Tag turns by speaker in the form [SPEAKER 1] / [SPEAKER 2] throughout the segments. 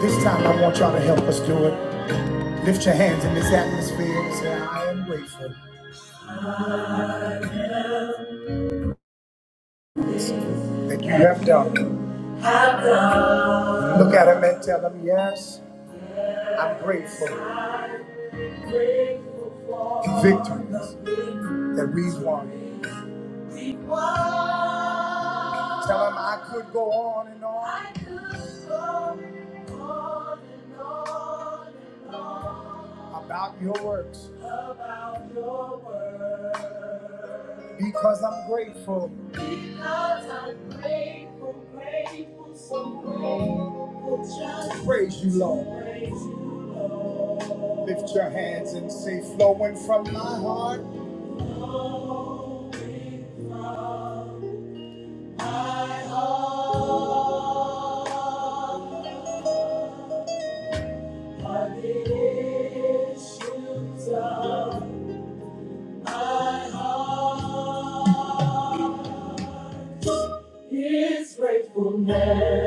[SPEAKER 1] This time I want y'all to help us do it. Lift your hands in this atmosphere and say, I am grateful that you have done. Look at him and tell him, yes, I'm grateful for victories that we've won. Tell him I could go on and on. I could go on and on and on. About your works. About your works. Because I'm grateful. Because I'm grateful, grateful, so grateful. Just praise you, Lord. Praise you, Lord. Lift your hands and say, flowing from my heart. Flowing from his faithfulness.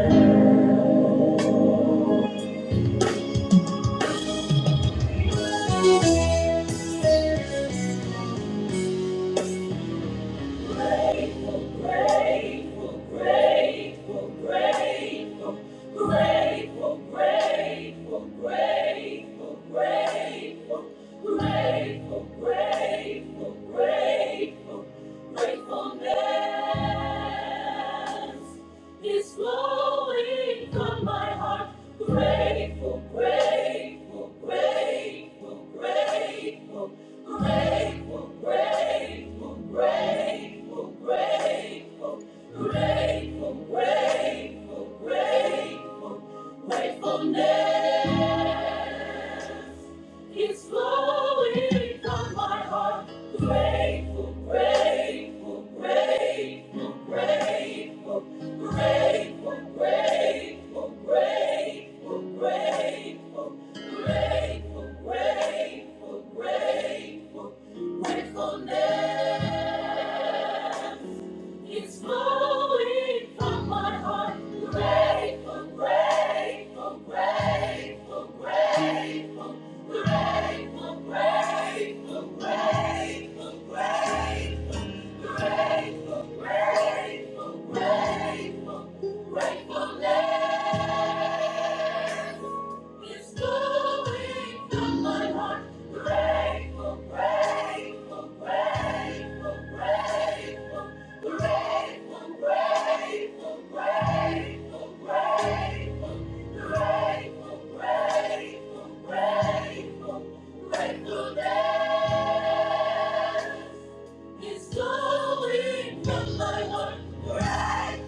[SPEAKER 1] Grateful, grateful, grateful, grateful, Gratefulness is flowing leaves on my heart. Grateful, grateful, grateful, grateful, grateful, grateful, grateful, grateful, grateful, grateful, grateful, gratefulness. It's flowing from my heart. Grateful, grateful, grateful, grateful, grateful, grateful, grateful, grateful, grateful, grateful, grateful, gratefulness. It's flowing from my heart. Grateful, grateful, grateful, grateful, grateful, grateful, grateful, grateful, grateful, grateful, grateful, grateful. grateful. It's going from my heart. Grateful, grateful, grateful, grateful, grateful, grateful, grateful, grateful, grateful, grateful, grateful, grateful day. It's going from my heart.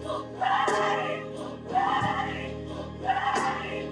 [SPEAKER 1] Grateful, grateful, grateful, grateful.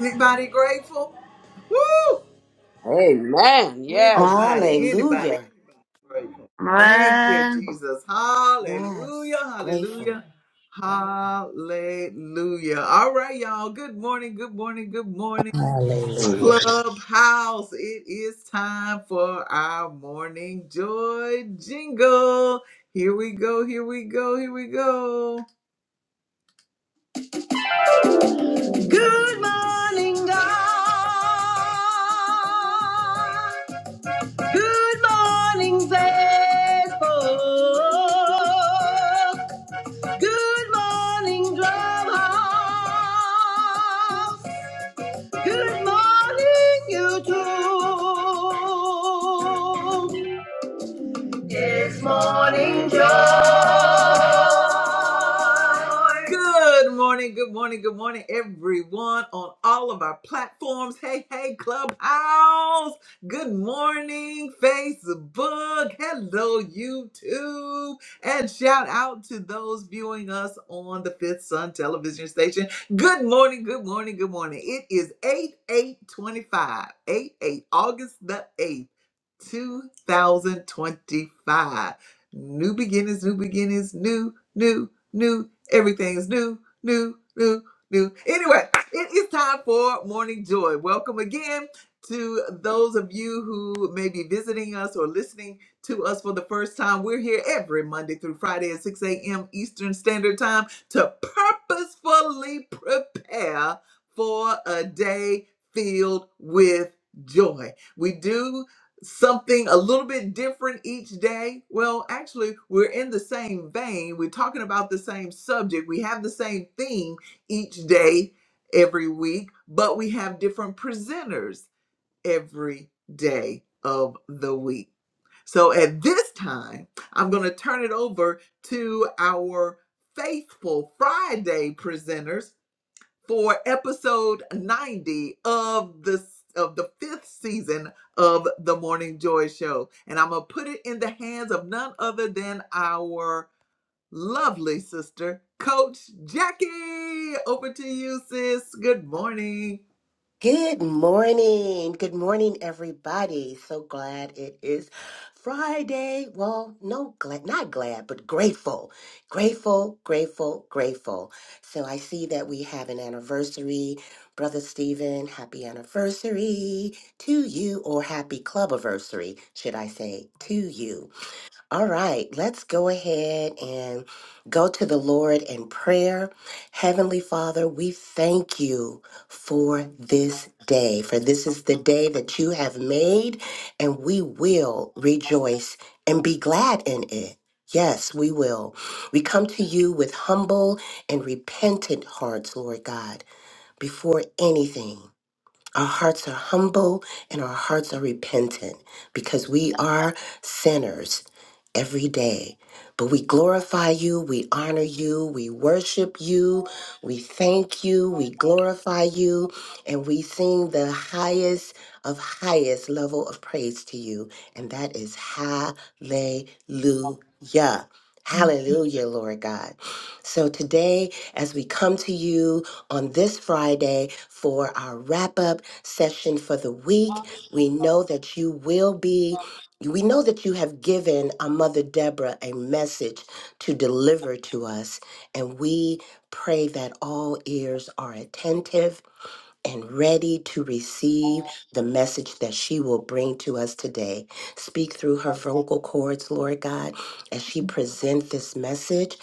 [SPEAKER 1] Anybody grateful? Woo!
[SPEAKER 2] Amen. Yes.
[SPEAKER 1] Anybody, anybody,
[SPEAKER 3] Hallelujah.
[SPEAKER 1] anybody grateful. Thank you,
[SPEAKER 4] Man,
[SPEAKER 1] Jesus. Hallelujah,
[SPEAKER 3] Yes, grateful.
[SPEAKER 1] hallelujah, hallelujah. All right, y'all. Good morning, good morning, good morning.
[SPEAKER 5] Hallelujah.
[SPEAKER 1] Clubhouse, it is time for our morning joy jingle. Here we go, here we go, here we go. Good morning, God. Good morning, Facebook. Good morning, Clubhouse. Good morning, YouTube. is more. morning. Good morning, good morning, good morning, everyone on all of our platforms. Hey, hey, Clubhouse. Good morning, Facebook. Hello, YouTube. And shout out to those viewing us on the Fifth Sun television station. Good morning, good morning, good morning. It is 8 8 twenty-five. 8 8, August the 8th, 2025. New beginnings, new beginnings, new, new, new. Everything is new, new, new, new. Anyway, it is time for morning joy. Welcome again to those of you who may be visiting us or listening to us for the first time. We're here every Monday through Friday at 6 a.m. Eastern Standard Time to purposefully prepare for a day filled with joy. We do something a little bit different each day? Well, actually, we're in the same vein. We're talking about the same subject. We have the same theme each day, every week, but we have different presenters every day of the week. So at this time, I'm going to turn it over to our faithful Friday presenters for episode 90 of the of the fifth season of the Morning Joy Show. And I'm gonna put it in the hands of none other than our lovely sister, Coach Jackie. Over to you, sis. Good morning.
[SPEAKER 3] Good morning. Good morning, everybody. So glad it is Friday. Well, no, glad, not glad, but grateful. Grateful, grateful, grateful. So I see that we have an anniversary. Brother Stephen, happy anniversary to you, or happy club anniversary, should I say, to you. All right, let's go ahead and go to the Lord in prayer. Heavenly Father, we thank you for this day, for this is the day that you have made, and we will rejoice and be glad in it. Yes, we will. We come to you with humble and repentant hearts, Lord God, before anything. Our hearts are humble and our hearts are repentant because we are sinners every day. But we glorify you, we honor you, we worship you, we thank you, we glorify you, and we sing the highest of highest level of praise to you, and that is hallelujah. Hallelujah, Lord God. So today, as we come to you on this Friday for our wrap up session for the week. We know that you will be, we know that you have given our Mother Deborah a message to deliver to us. And we pray that all ears are attentive and ready to receive the message that she will bring to us today. Speak through her vocal cords, Lord God, as she presents this message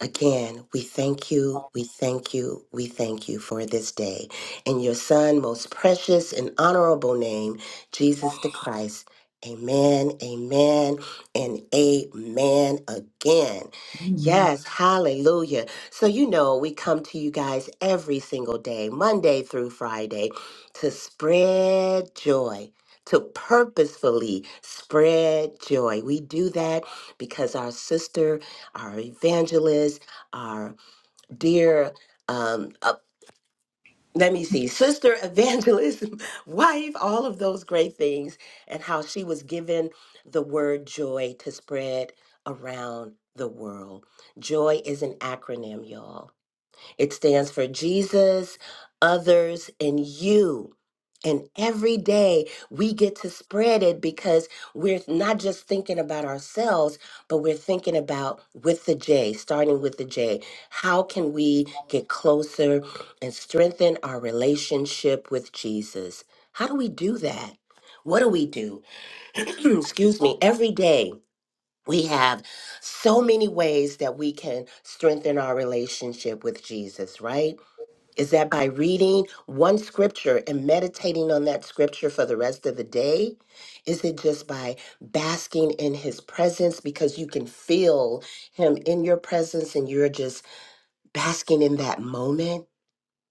[SPEAKER 3] Again, we thank you, we thank you, we thank you for this day. In your Son, most precious and honorable name, Jesus the Christ. Amen, amen, and amen again. Yes, hallelujah. So, you know, we come to you guys every single day, Monday through Friday, to spread joy, to purposefully spread joy. We do that because our sister our evangelist, our dear, um, uh, let me see, sister evangelist, wife, all of those great things, and how she was given the word joy to spread around the world. Joy is an acronym, y'all. It stands for Jesus, others, and you. And every day we get to spread it because we're not just thinking about ourselves, but we're thinking about with the J, starting with the J. How can we get closer and strengthen our relationship with Jesus? How do we do that? What do we do? Excuse me, every day. We have so many ways that we can strengthen our relationship with Jesus, right? is that by reading one scripture and meditating on that scripture for the rest of the day? Is it just by basking in his presence because you can feel him in your presence and you're just basking in that moment?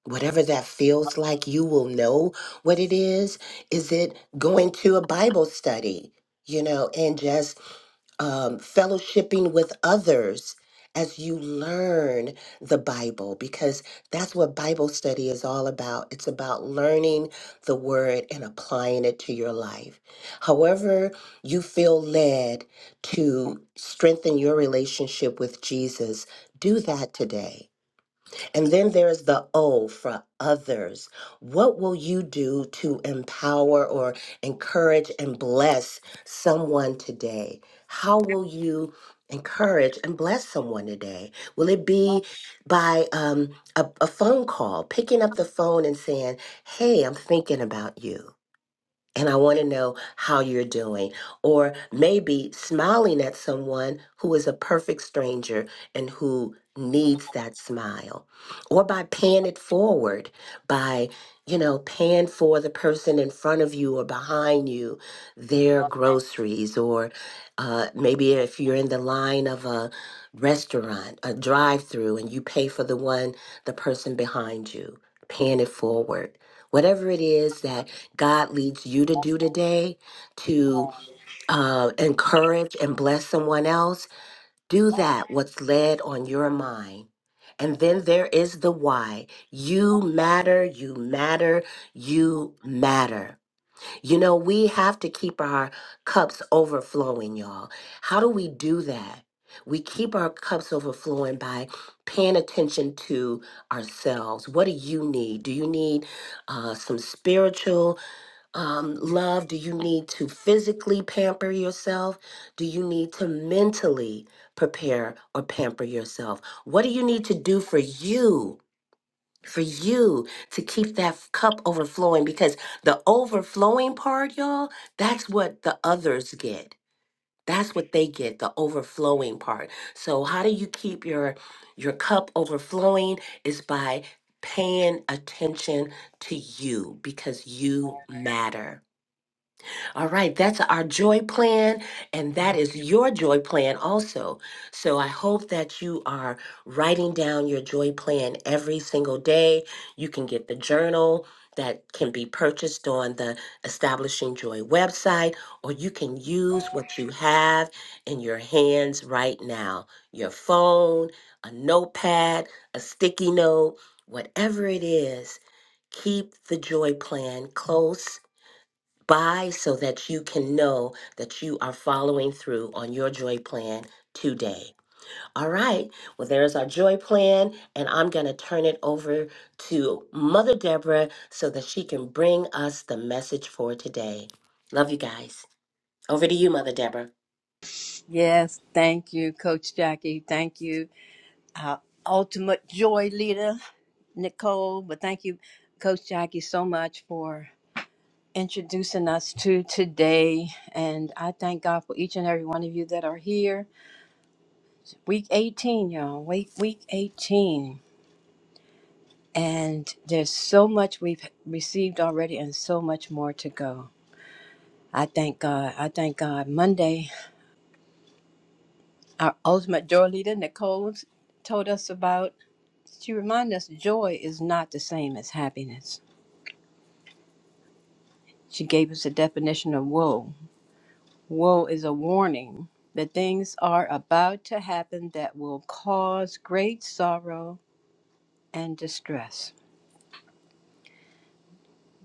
[SPEAKER 3] Whatever that feels like, you will know what it is. Is it going to a Bible study, you know, and just um, fellowshipping with others as you learn the Bible, because that's what Bible study is all about. It's about learning the word and applying it to your life. However, you feel led to strengthen your relationship with Jesus, do that today and then there's the O for others. What will you do to empower or encourage and bless someone today? How will you encourage and bless someone today? Will it be by um, a, a phone call, picking up the phone and saying, Hey, I'm thinking about you? and I want to know how you're doing. Or maybe smiling at someone who is a perfect stranger and who needs that smile. Or by paying it forward, by, you know, paying for the person in front of you or behind you their groceries. Or uh, maybe if you're in the line of a restaurant, a drive through, and you pay for the one, the person behind you, paying it forward. Whatever it is that God leads you to do today to uh, encourage and bless someone else, do that, what's led on your mind. And then there is the why. You matter, you matter, you matter. You know, we have to keep our cups overflowing, y'all. How do we do that? We keep our cups overflowing by paying attention to ourselves. What do you need? Do you need uh, some spiritual? um, love? Do you need to physically pamper yourself? Do you need to mentally prepare or pamper yourself? What do you need to do for you? For you to keep that f- cup overflowing because the overflowing part, y'all, that's what the others get. That's what they get, the overflowing part. So how do you keep your your cup overflowing is by paying attention to you because you matter all right, that's our joy plan, and that is your joy plan also. So I hope that you are writing down your joy plan every single day. You can get the journal that can be purchased on the Establishing Joy website, or you can use what you have in your hands right now your phone, a notepad, a sticky note, whatever it is. Keep the joy plan close Buy so that you can know that you are following through on your joy plan today. All right. Well, there's our joy plan, and I'm going to turn it over to Mother Deborah so that she can bring us the message for today. Love you guys. Over to you, Mother Deborah.
[SPEAKER 6] Yes, thank you, Coach Jackie. Thank you, our ultimate joy leader, Nicole. But thank you, Coach Jackie, so much for introducing us to today. And I thank God for each and every one of you that are here. Week 18, y'all. Week, week 18. And there's so much we've received already and so much more to go. I thank God. I thank God. Monday, our ultimate joy leader, Nicole, told us about. She reminded us joy is not the same as happiness. She gave us a definition of woe. Woe is a warning that things are about to happen that will cause great sorrow and distress.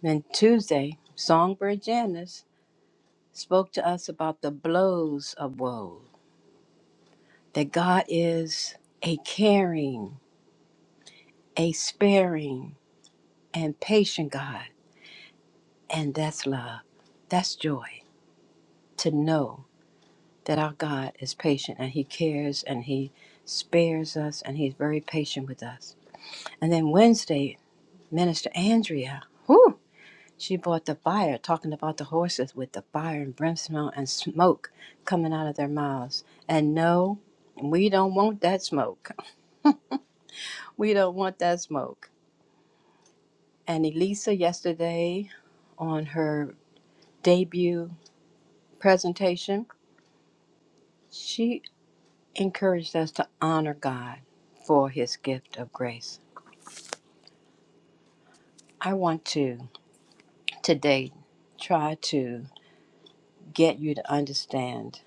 [SPEAKER 6] Then Tuesday, Songbird Janice spoke to us about the blows of woe, that God is a caring, a sparing, and patient God, and that's love. That's joy to know that our God is patient and He cares and He spares us and He's very patient with us. And then Wednesday, Minister Andrea, whew, she brought the fire, talking about the horses with the fire and brimstone and smoke coming out of their mouths. And no, we don't want that smoke. We don't want that smoke. And Elisa, yesterday on her debut presentation, she encouraged us to honor God for His gift of grace I want to today try to get you to understand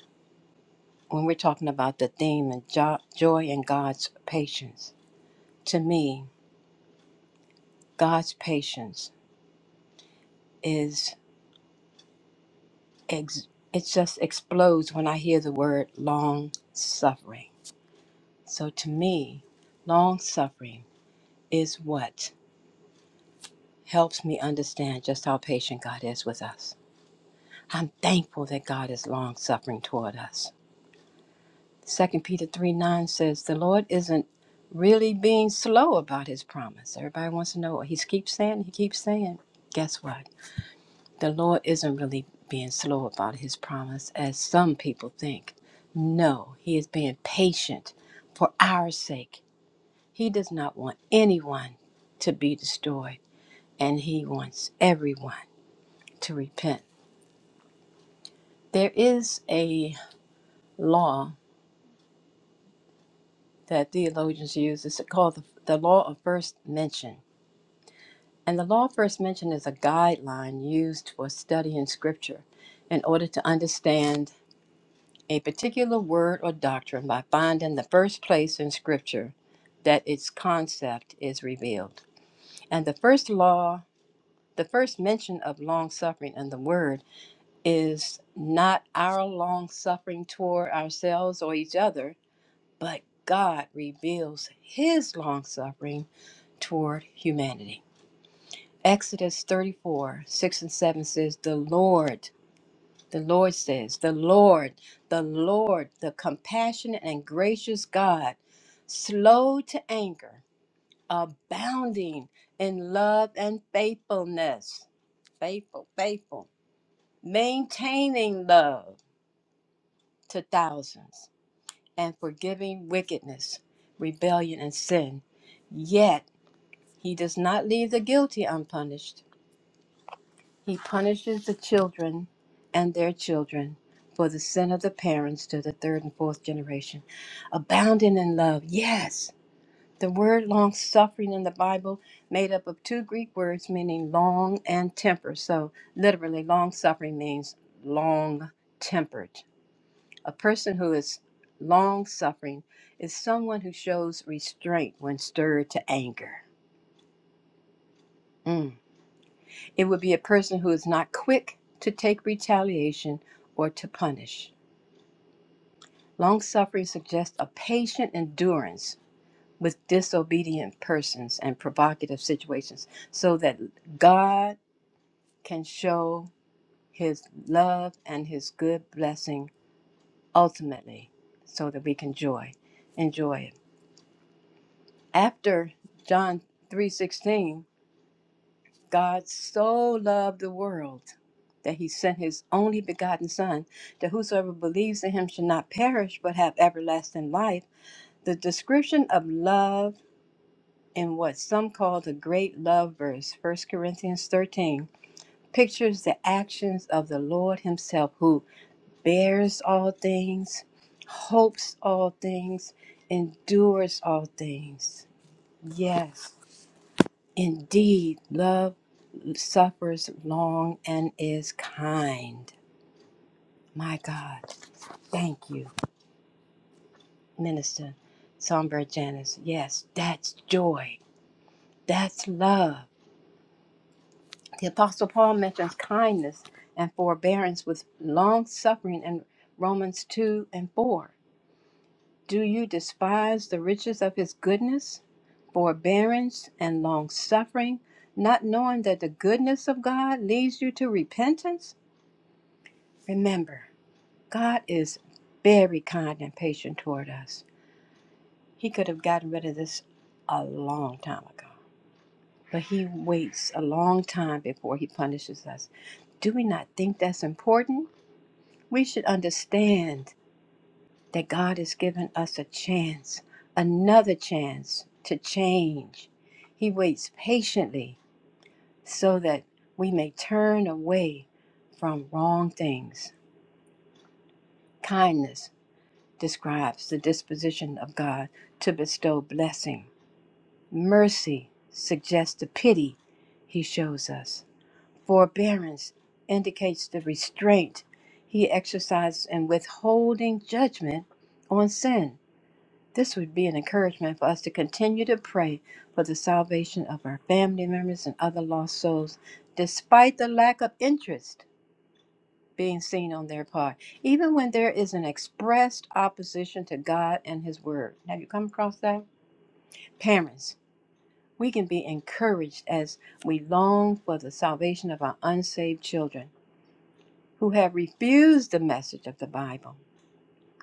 [SPEAKER 6] when we're talking about the theme and jo- joy in God's patience. To me, God's patience is ex- it just explodes when I hear the word long suffering. So to me, long suffering is what helps me understand just how patient God is with us. I'm thankful that God is long suffering toward us. Second Peter 3 9 says, The Lord isn't really being slow about his promise. Everybody wants to know what he keeps saying, he keeps saying. Guess what? The Lord isn't really being slow about his promise, as some people think. No, he is being patient for our sake. He does not want anyone to be destroyed, and he wants everyone to repent. There is a law that theologians use. It's called the, the law of first mention And the law first mentioned is a guideline used for studying scripture in order to understand a particular word or doctrine by finding the first place in scripture that its concept is revealed. And the first law, the first mention of long suffering in the word is not our long suffering toward ourselves or each other, but God reveals his long suffering toward humanity. Exodus 34, 6 and 7 says, The Lord, the Lord says, the Lord, the Lord, the compassionate and gracious God, slow to anger, abounding in love and faithfulness, faithful, faithful, maintaining love to thousands, and forgiving wickedness, rebellion, and sin. Yet he does not leave the guilty unpunished He punishes the children and their children for the sin of the parents to the third and fourth generation. Abounding in love, yes. The word long suffering in the Bible made up of two Greek words meaning long and temper. So literally long suffering means long tempered. A person who is long suffering is someone who shows restraint when stirred to anger. Mm. It would be a person who is not quick to take retaliation or to punish. Long suffering suggests a patient endurance with disobedient persons and provocative situations so that God can show his love and his good blessing ultimately so that we can joy enjoy it after John 3:16 God so loved the world that he sent his only begotten Son, that whosoever believes in him should not perish but have everlasting life. The description of love in what some call the great love verse, First Corinthians 13, pictures the actions of the Lord himself, who bears all things, hopes all things, endures all things. Yes, indeed, love suffers long and is kind. My God, thank you, Minister Songbird Janice. Yes, that's joy. That's love. The Apostle Paul mentions kindness and forbearance with long suffering in Romans 2 and 4. Do you despise the riches of his goodness, forbearance, and long suffering, not knowing that the goodness of God leads you to repentance? Remember, God is very kind and patient toward us. He could have gotten rid of this a long time ago, but He waits a long time before He punishes us. Do we not think that's important? We should understand that God has given us a chance, another chance to change. He waits patiently so that we may turn away from wrong things. Kindness describes the disposition of God to bestow blessing. Mercy suggests the pity he shows us. Forbearance indicates the restraint he exercises in withholding judgment on sin. This would be an encouragement for us to continue to pray for the salvation of our family members and other lost souls, despite the lack of interest being seen on their part, even when there is an expressed opposition to God and His Word. Have you come across that? Parents, we can be encouraged as we long for the salvation of our unsaved children who have refused the message of the Bible,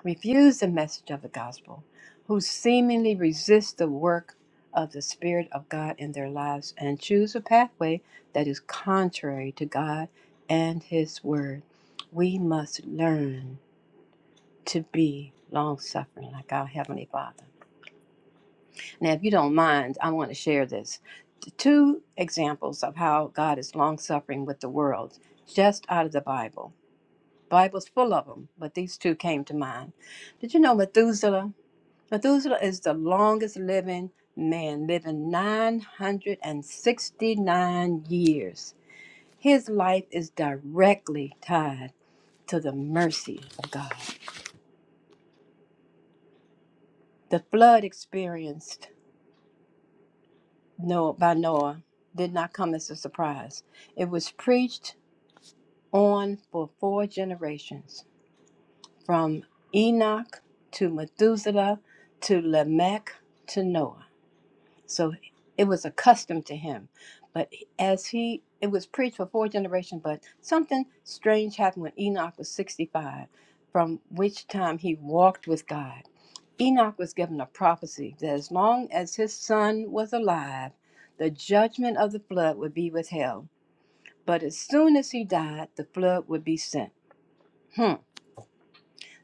[SPEAKER 6] refused the message of the gospel, who seemingly resist the work of the Spirit of God in their lives and choose a pathway that is contrary to God and His Word. We must learn to be long suffering like our Heavenly Father. Now, if you don't mind, I want to share this. Two examples of how God is long suffering with the world, just out of the Bible. Bible's full of them, but these two came to mind. Did you know Methuselah? Methuselah is the longest living man, living 969 years. His life is directly tied to the mercy of God. The flood experienced Noah by Noah did not come as a surprise. It was preached on for four generations, from Enoch to Methuselah to Lamech to Noah. So it was accustomed to him. But as he, it was preached for four generations, but something strange happened when Enoch was 65, from which time he walked with God. Enoch was given a prophecy that as long as his son was alive, the judgment of the flood would be withheld. But as soon as he died, the flood would be sent. Hmm.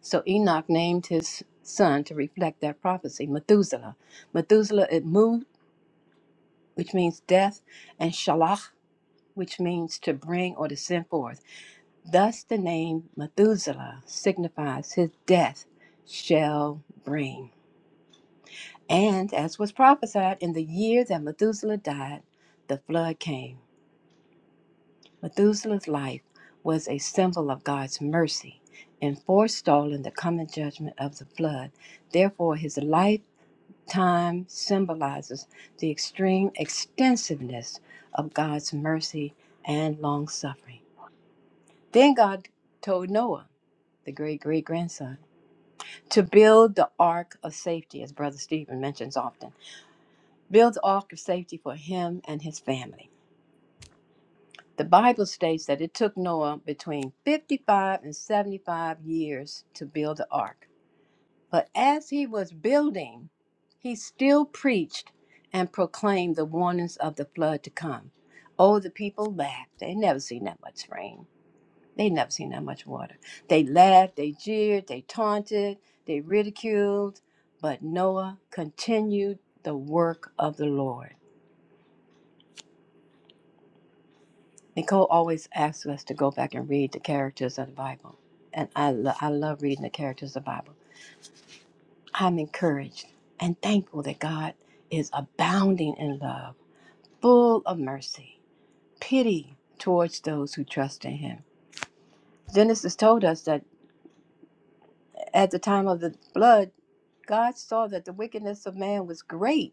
[SPEAKER 6] So Enoch named his son to reflect that prophecy, Methuselah. Methuselah, it moved. which means death, and shalach, which means to bring or to send forth. Thus the name Methuselah signifies his death shall bring. And as was prophesied, in the year that Methuselah died, the flood came. Methuselah's life was a symbol of God's mercy in forestalling the coming judgment of the flood. Therefore, his life Time symbolizes the extreme extensiveness of God's mercy and long suffering. Then God told Noah, the great great grandson, to build the ark of safety, as Brother Stephen mentions often. Build the ark of safety for him and his family. The Bible states that it took Noah between 55 and 75 years to build the ark. But as he was building, he still preached and proclaimed the warnings of the flood to come. Oh, the people laughed. They never seen that much rain. They never seen that much water. They laughed, they jeered, they taunted, they ridiculed. But Noah continued the work of the Lord. Nicole always asks us to go back and read the characters of the Bible. And I, lo- I love reading the characters of the Bible. I'm encouraged and thankful that God is abounding in love, full of mercy, pity towards those who trust in Him. Genesis told us that at the time of the flood, God saw that the wickedness of man was great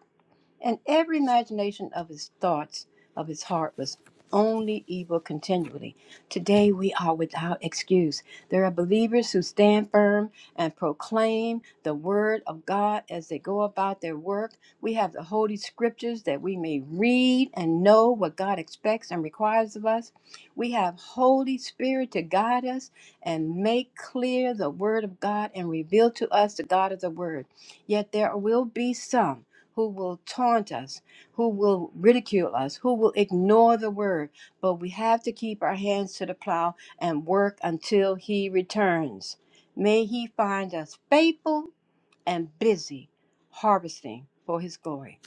[SPEAKER 6] And every imagination of his thoughts of his heart was only evil continually. Today we are without excuse. There are believers who stand firm and proclaim the word of God as they go about their work. We have the holy scriptures that we may read and know what God expects and requires of us. We have Holy Spirit to guide us and make clear the word of God and reveal to us the God of the word. Yet there will be some who will taunt us, who will ridicule us, who will ignore the word. But we have to keep our hands to the plow and work until he returns. May he find us faithful and busy harvesting for his glory.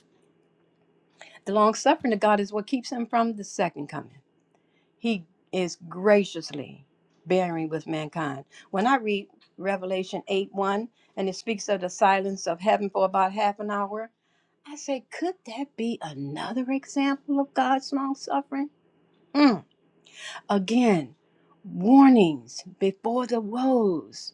[SPEAKER 6] The long suffering of God is what keeps him from the second coming. He is graciously bearing with mankind. When I read Revelation 8 1, and it speaks of the silence of heaven for about half an hour, I say, could that be another example of God's long suffering? Mm. Again, warnings before the woes.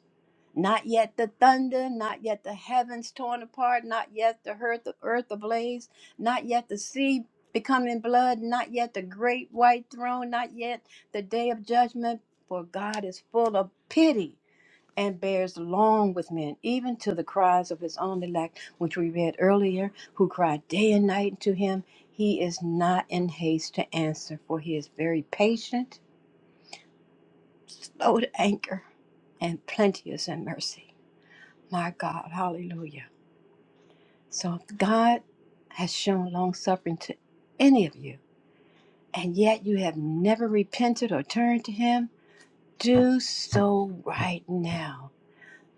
[SPEAKER 6] Not yet the thunder, not yet the heavens torn apart, not yet the earth, the earth ablaze, not yet the sea becoming blood, not yet the great white throne, not yet the day of judgment, for God is full of pity and bears long with men, even to the cries of his own elect, which we read earlier, who cry day and night to him. He is not in haste to answer, for he is very patient, slow to anger, and plenteous in mercy. My God, hallelujah. So if God has shown long suffering to any of you, and yet you have never repented or turned to him, do so right now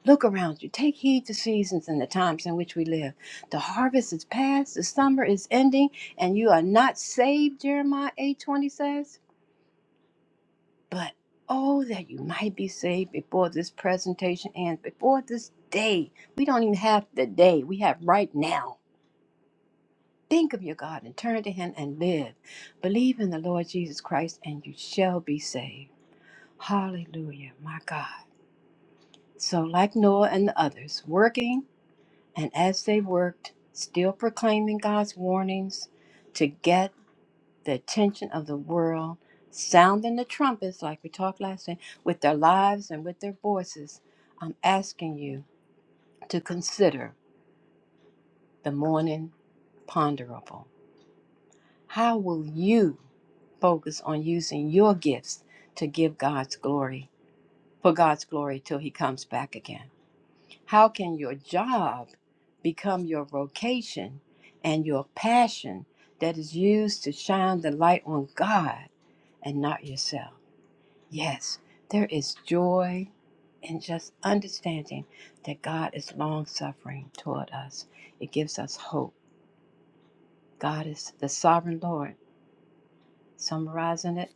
[SPEAKER 6] Look around you. Take heed to seasons and the times in which we live. The harvest is past, the summer is ending, and you are not saved, Jeremiah 8:20 says. But oh that you might be saved before this presentation ends, before this day. We don't even have the day. We have right now. Think of your God and turn to him and live. Believe in the Lord Jesus Christ and you shall be saved. Hallelujah, my God. So like Noah and the others, working And as they worked, still proclaiming God's warnings to get the attention of the world, sounding the trumpets, like we talked last night with their lives and with their voices, I'm asking you to consider the morning ponderable. How will you focus on using your gifts to give God's glory, for God's glory till He comes back again? How can your job become your vocation and your passion that is used to shine the light on God and not yourself? Yes, there is joy in just understanding that God is long suffering toward us. It gives us hope. God is the sovereign Lord. Summarizing it,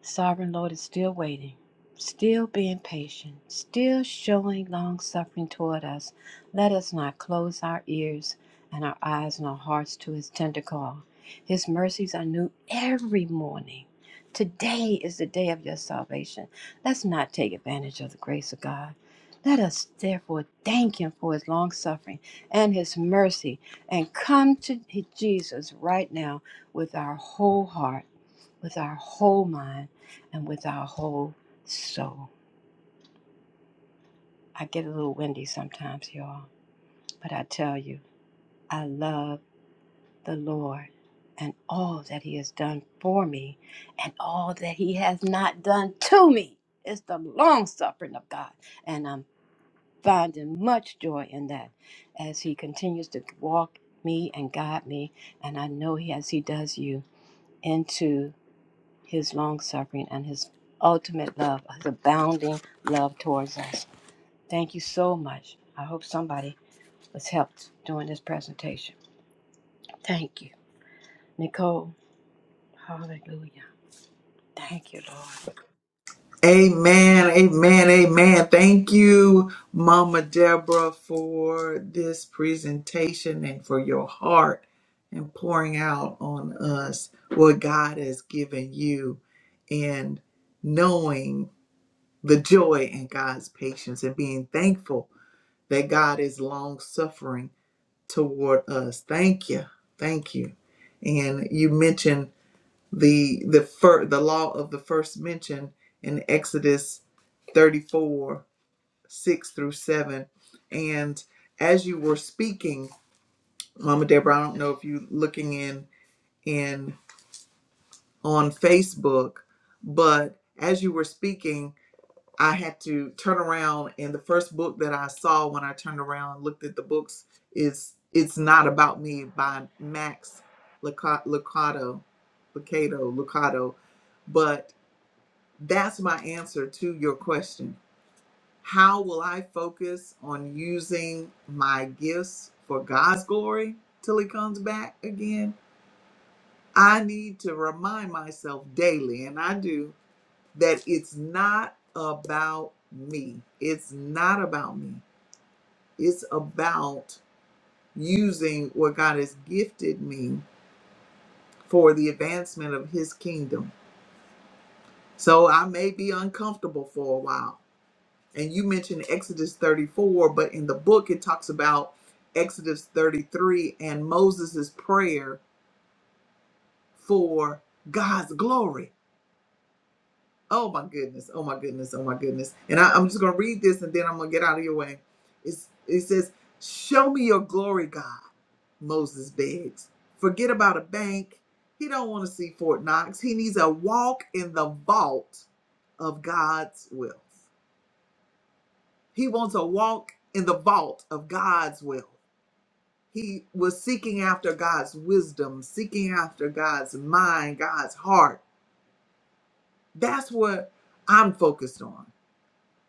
[SPEAKER 6] Sovereign Lord is still waiting, still being patient, still showing long suffering toward us. Let us not close our ears and our eyes and our hearts to his tender call. His mercies are new every morning. Today is the day of your salvation. Let's not take advantage of the grace of God. Let us therefore thank him for his long suffering and his mercy and come to Jesus right now with our whole heart with our whole mind and with our whole soul. I get a little windy sometimes, y'all, but I tell you, I love the Lord and all that He has done for me and all that He has not done to me. It's the long suffering of God, and I'm finding much joy in that as He continues to walk me and guide me, and I know He as He does you into. his long suffering, and his ultimate love, his abounding love towards us. Thank you so much. I hope somebody was helped during this presentation. Thank you. Nicole, hallelujah. Thank you, Lord.
[SPEAKER 1] Amen, amen, amen. Thank you, Mama Deborah, for this presentation and for your heart and pouring out on us what God has given you and knowing the joy in God's patience and being thankful that God is long suffering toward us. Thank you, thank you. And you mentioned the the fir- the law of the first mention in Exodus 34 6 through 7 and as you were speaking mama deborah i don't know if you looking in in on facebook but as you were speaking i had to turn around and the first book that i saw when i turned around and looked at the books is it's not about me by max lucado lucado lucado but That's my answer to your question. How will I focus on using my gifts for God's glory till He comes back again? I need to remind myself daily, and I do, that it's not about me. It's not about me. It's about using what God has gifted me for the advancement of His kingdom. So I may be uncomfortable for a while. and you mentioned Exodus 34, but in the book it talks about Exodus 33 and Moses' prayer for God's glory. Oh my goodness, oh my goodness, oh my goodness. And I, I'm just gonna read this and then I'm gonna get out of your way. It's, it says, Show me your glory, God, Moses begs. Forget about a bank. He don't want to see Fort Knox. He needs a walk in the vault of God's will. He wants a walk in the vault of God's will. He was seeking after God's wisdom, seeking after God's mind, God's heart. That's what I'm focused on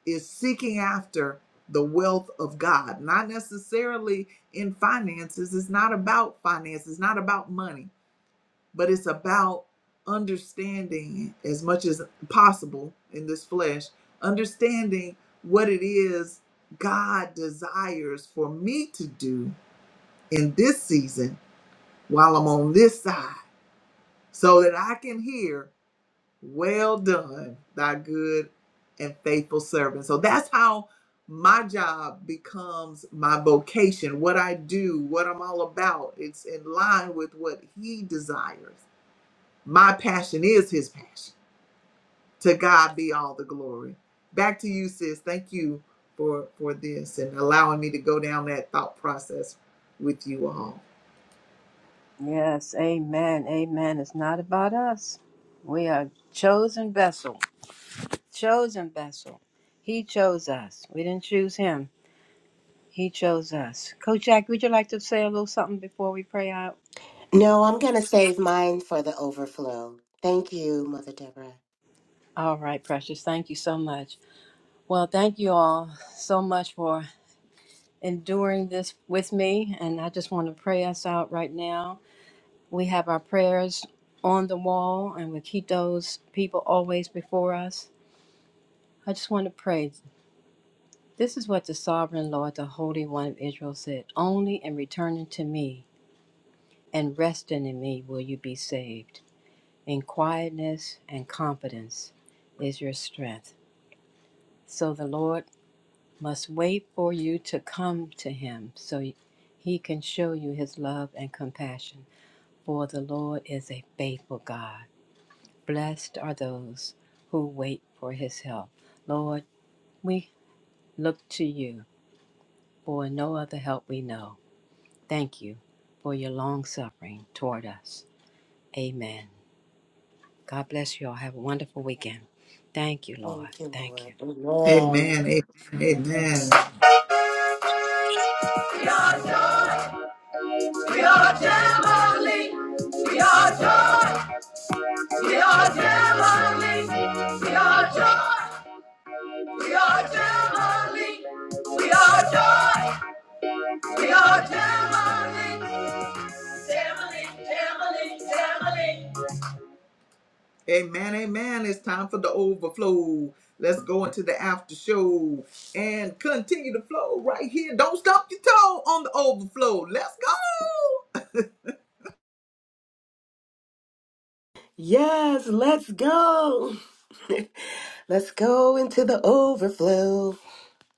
[SPEAKER 1] is seeking after the wealth of God, not necessarily in finances. It's not about finances, it's not about money, but it's about understanding as much as possible in this flesh, understanding what it is God desires for me to do in this season while I'm on this side so that I can hear, Well done, thy good and faithful servant. So that's how my job becomes my vocation, what I do, what I'm all about. It's in line with what He desires. My passion is His passion. To God be all the glory. Back to you, sis. Thank you for for this and allowing me to go down that thought process with you all.
[SPEAKER 6] Yes, amen. Amen. It's not about us. We are chosen vessel. Chosen vessel. He chose us. We didn't choose him. He chose us. Coach Jack, would you like to say a little something before we pray out?
[SPEAKER 3] No, I'm going to save mine for the overflow. Thank you, Mother Deborah.
[SPEAKER 6] All right, precious. Thank you so much. Well, thank you all so much for enduring this with me. And I just want to pray us out right now. We have our prayers on the wall, and we keep those people always before us. I just want to pray. This is what the sovereign Lord, the Holy One of Israel, said Only in returning to me and resting in me will you be saved. In quietness and confidence is your strength. So the Lord must wait for you to come to him so he can show you his love and compassion. For the Lord is a faithful God. Blessed are those who wait for his help. Lord, we look to you for no other help we know. Thank you for your long suffering toward us. Amen. God bless you all. Have a wonderful weekend. Thank you, Lord.
[SPEAKER 3] Thank you,
[SPEAKER 6] Thank you.
[SPEAKER 3] Lord. Amen.
[SPEAKER 1] Amen. Amen.
[SPEAKER 3] Amen.
[SPEAKER 1] Amen. We are Gemini. We are joy. We are Gemini. We are joy. We are Gemini. We are joy. We are Gemini. Gemini, Gemini, Gemini. Amen, amen. It's time for the overflow. Let's go into the after show and continue to flow right here. Don't stop your toe on the overflow. Let's go.
[SPEAKER 3] Yes, let's go. let's go into the overflow.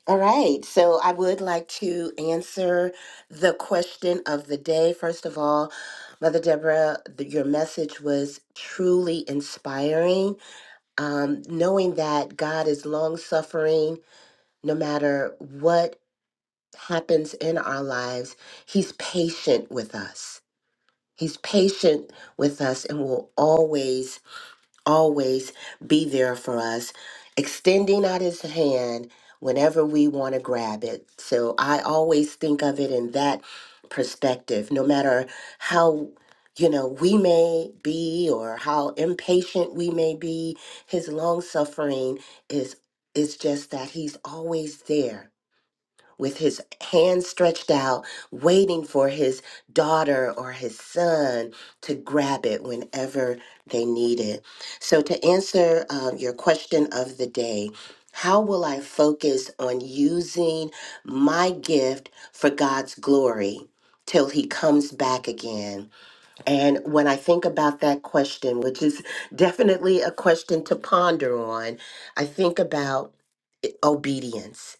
[SPEAKER 3] All right, so I would like to answer the question of the day. First of all, Mother Deborah, th- your message was truly inspiring. Um, knowing that God is long suffering, no matter what happens in our lives, He's patient with us. He's patient with us and will always always be there for us, extending out his hand whenever we want to grab it. So I always think of it in that perspective, no matter how. You know, we may be or how impatient we may be, his long suffering is is just that he's always there with his hand stretched out, waiting for his daughter or his son to grab it whenever they need it. So, to answer um, your question of the day, how will I focus on using my gift for God's glory? Till he comes back again. And when I think about that question, which is definitely a question to ponder on, I think about eh, obedience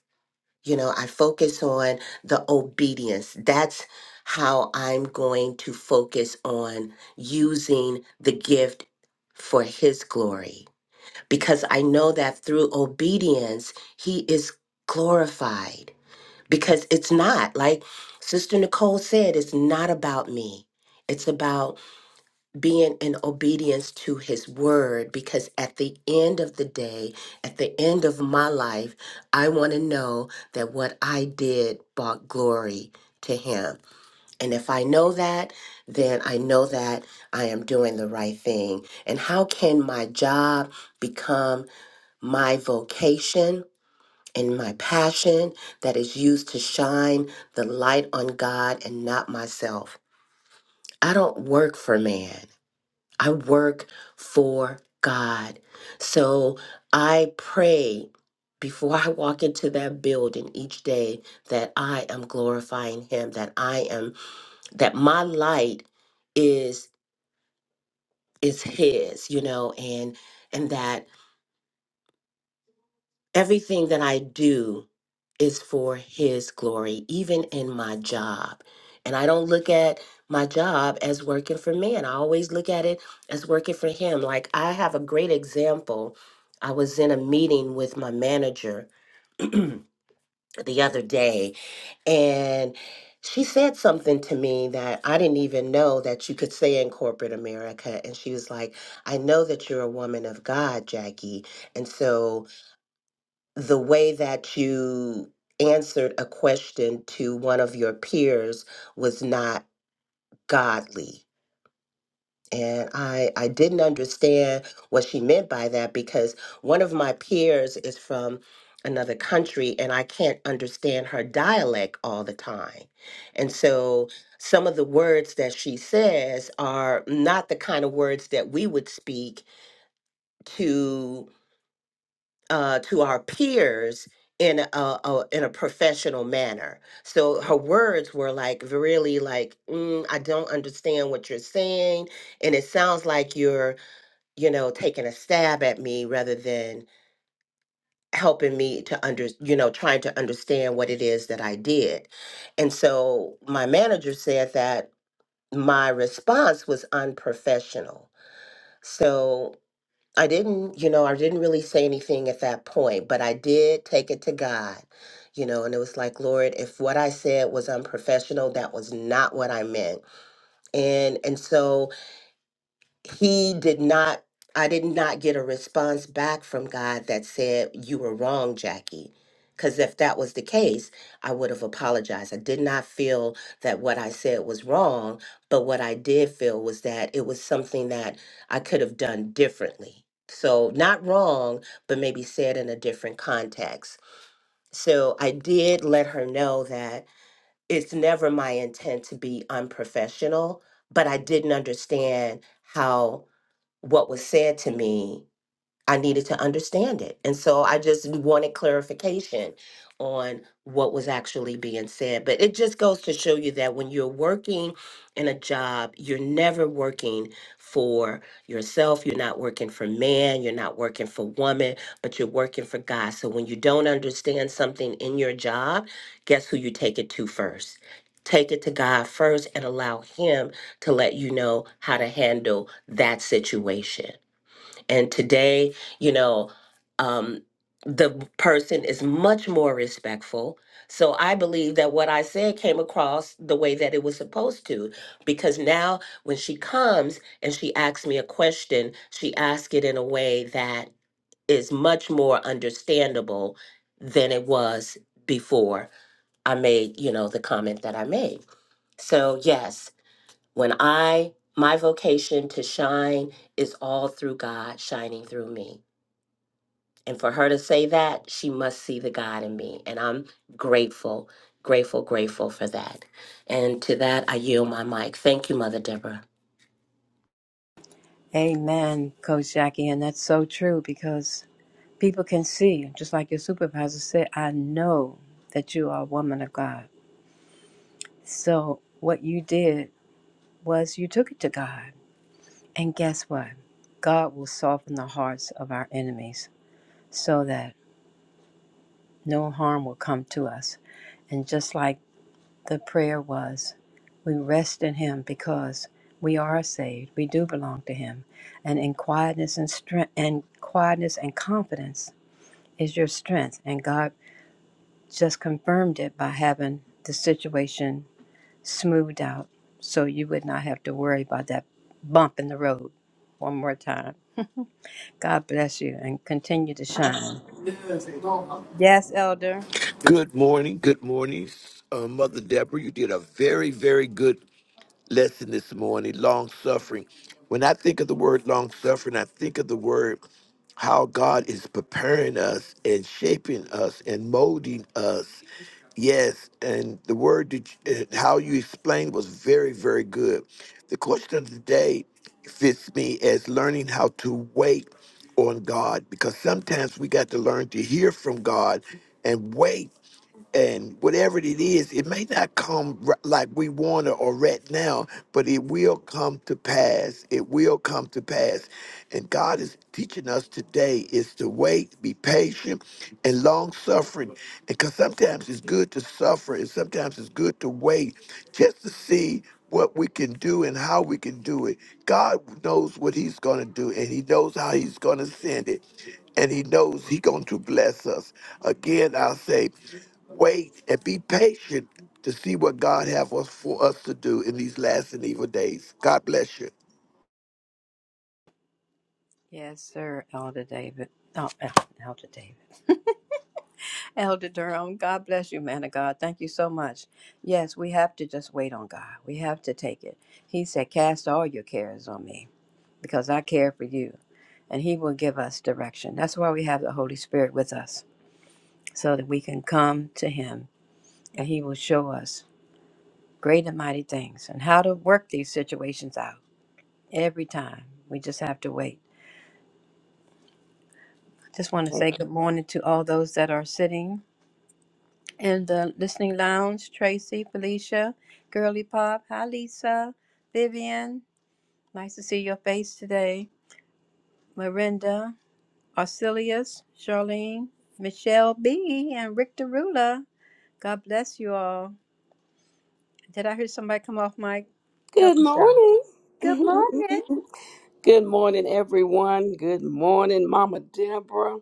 [SPEAKER 3] you know, I focus on the obedience. That's how I'm going to focus on using the gift for His glory. Because I know that through obedience, He is glorified. Because it's not, like Sister Nicole said, it's not about me, it's about being in obedience to his word because at the end of the day, at the end of my life, I want to know that what I did brought glory to him. And if I know that, then I know that I am doing the right thing. And how can my job become my vocation? And my passion that is used to shine the light on God and not myself. I don't work for man. I work for God. So I pray before I walk into that building each day that I am glorifying him, that I am that my light is is his, you know, and and that everything that I do is for his glory, even in my job. And I don't look at my job as working for man. I always look at it as working for him. Like I have a great example. I was in a meeting with my manager the other day, and she said something to me that I didn't even know that you could say in corporate America. And she was like, I know that you're a woman of God, Jackie. And so the way that you answered a question to one of your peers was not godly. And I, I didn't understand what she meant by that because one of my peers is from another country and I can't understand her dialect all the time. And so some of the words that she says are not the kind of words that we would speak to. uh, to our peers in a, a in a professional manner. So her words were like really like mm, I don't understand what you're saying, and it sounds like you're you know taking a stab at me rather than helping me to under you know trying to understand what it is that I did. And so my manager said that my response was unprofessional. So I didn't, you know, I didn't really say anything at that point, but I did take it to God, you know, and it was like, Lord, if what I said was unprofessional, that was not what I meant. And and so he did not i did not get a response back from god that said you were wrong jackie because if that was the case i would have apologized i did not feel that what i said was wrong but what i did feel was that it was something that i could have done differently so not wrong but maybe said in a different context so i did let her know that it's never my intent to be unprofessional but i didn't understand how what was said to me I needed to understand it. And so I just wanted clarification on what was actually being said. But it just goes to show you that when you're working in a job, you're never working for yourself. You're not working for man. You're not working for woman, but you're working for God. So when you don't understand something in your job, guess who you take it to first? Take it to God first and allow Him to let you know how to handle that situation and today, you know, um, the person is much more respectful. So I believe that what I said came across the way that it was supposed to, because now when she comes and she asks me a question, she asks it in a way that is much more understandable than it was before I made, you know, the comment that I made. So yes, when I my vocation to shine is all through God shining through me. And for her to say that, she must see the God in me. And I'm grateful, grateful, grateful for that. And to that, I yield my mic. Thank you, Mother Deborah.
[SPEAKER 6] Amen, Coach Jackie. And that's so true because People can see, just like your supervisor said, I know that you are a woman of God. So what you did was you took it to God. And guess what? God will soften the hearts of our enemies so that no harm will come to us. And just like the prayer was, we rest in Him because we are saved. We do belong to Him. And in quietness and strength and quietness and confidence is your strength. And God just confirmed it by having the situation smoothed out so you would not have to worry about that bump in the road one more time. God bless you and continue to shine. Yes, Elder.
[SPEAKER 7] Good morning. Good morning, uh, Mother Deborah. You did a very, very good lesson this morning long suffering. When I think of the word long suffering, I think of the word how God is preparing us and shaping us and molding us. Yes, and the word that you, uh, how you explained was very, very good. The question of the day fits me as learning how to wait on God because sometimes we got to learn to hear from God and wait and whatever it is, it may not come r- like we want it or right now, but it will come to pass. It will come to pass. And God is teaching us today is to wait, be patient, and long suffering. Because sometimes it's good to suffer, and sometimes it's good to wait just to see what we can do and how we can do it. God knows what He's going to do, and He knows how He's going to send it, and He knows He's going to bless us. Again, I'll say wait and be patient to see what God have us for us to do in these last and evil days. God bless you.
[SPEAKER 6] Yes, sir, Elder David. Oh, El- Elder David. Elder Durham, God bless you, man of God. Thank you so much. Yes, we have to just wait on God. We have to take it. He said, Cast all your cares on me because I care for you, and He will give us direction. That's why we have the Holy Spirit with us so that we can come to him and he will show us great and mighty things and how to work these situations out every time. We just have to wait. Just want to say good morning to all those that are sitting in the listening lounge Tracy, Felicia, Girly Pop. Hi, Lisa, Vivian. Nice to see your face today. Miranda, Arcelius, Charlene, Michelle B., and Rick Derula. God bless you all. Did I hear somebody come off mic? Help
[SPEAKER 2] Good
[SPEAKER 6] us out.
[SPEAKER 2] morning.
[SPEAKER 6] Good morning.
[SPEAKER 2] Good morning, everyone. Good morning, Mama Deborah.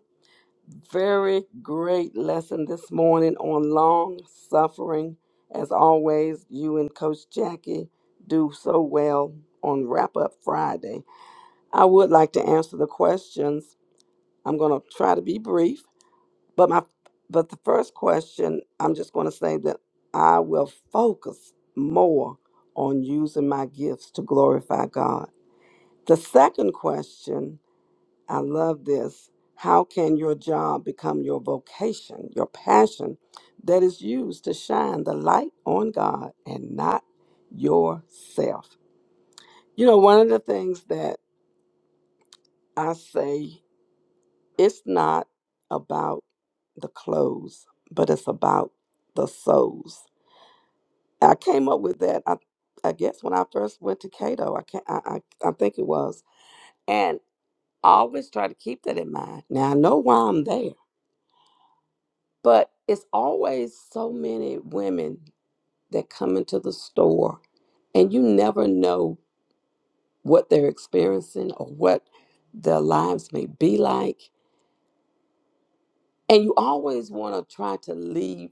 [SPEAKER 2] Very great lesson this morning on long suffering. As always, you and Coach Jackie do so well on Wrap Up Friday. I would like to answer the questions. I'm going to try to be brief. But my but the first question, I'm just going to say that I will focus more on using my gifts to glorify God. The second question, I love this. How can your job become your vocation, your passion that is used to shine the light on God and not yourself? You know, one of the things that I say It's not about the clothes, but it's about the souls. I came up with that. I, I guess when I first went to Cato, I can I, I I think it was, and I always try to keep that in mind. Now I know why I'm there, but it's always so many women that come into the store and you never know what they're experiencing or what their lives may be like. And you always want to try to leave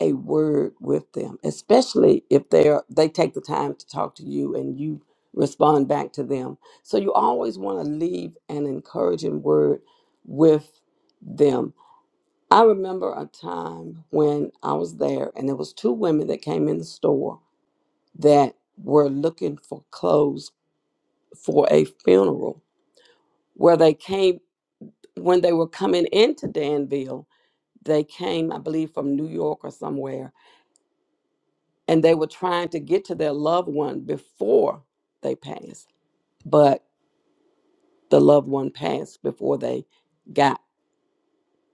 [SPEAKER 2] a word with them, especially if they are they take the time to talk to you and you respond back to them. So you always want to leave an encouraging word with them. I remember a time when I was there and there was two women that came in the store that were looking for clothes for a funeral where they came when they were coming into Danville, they came, I believe, from New York or somewhere and they were trying to get to their loved one before they passed but the loved one passed before they got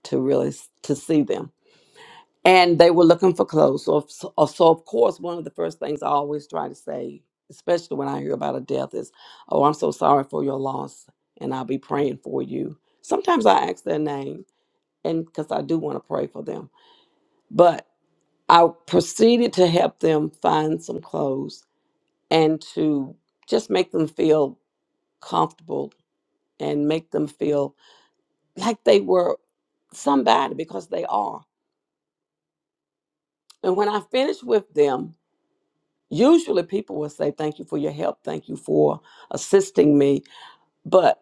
[SPEAKER 2] to really s- to see them and they were looking for clothes so, of- so uh, so of course one of the first things i always try to say especially when i hear about a death is oh i'm so sorry for your loss and i'll be praying for you sometimes i ask their name and because i do want to pray for them but i proceeded to help them find some clothes and to just make them feel comfortable and make them feel like they were somebody because they are. And when I finish with them, usually people will say, Thank you for your help. Thank you for assisting me. But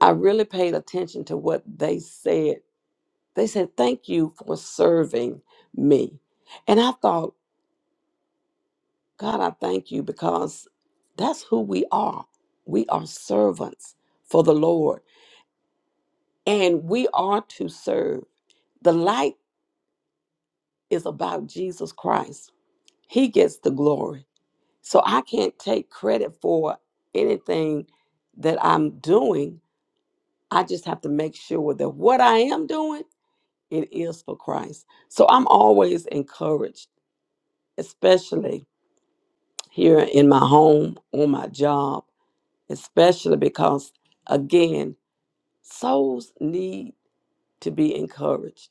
[SPEAKER 2] I really paid attention to what they said. They said, Thank you for serving me. And I thought, God, I thank you because that's who we are. We are servants for the Lord and we are to serve. The light is about Jesus Christ. He gets the glory. So I can't take credit for anything that I'm doing. I just have to make sure that what I am doing, it is for Christ. So I'm always encouraged, especially here in my home, on my job, especially because again, souls need to be encouraged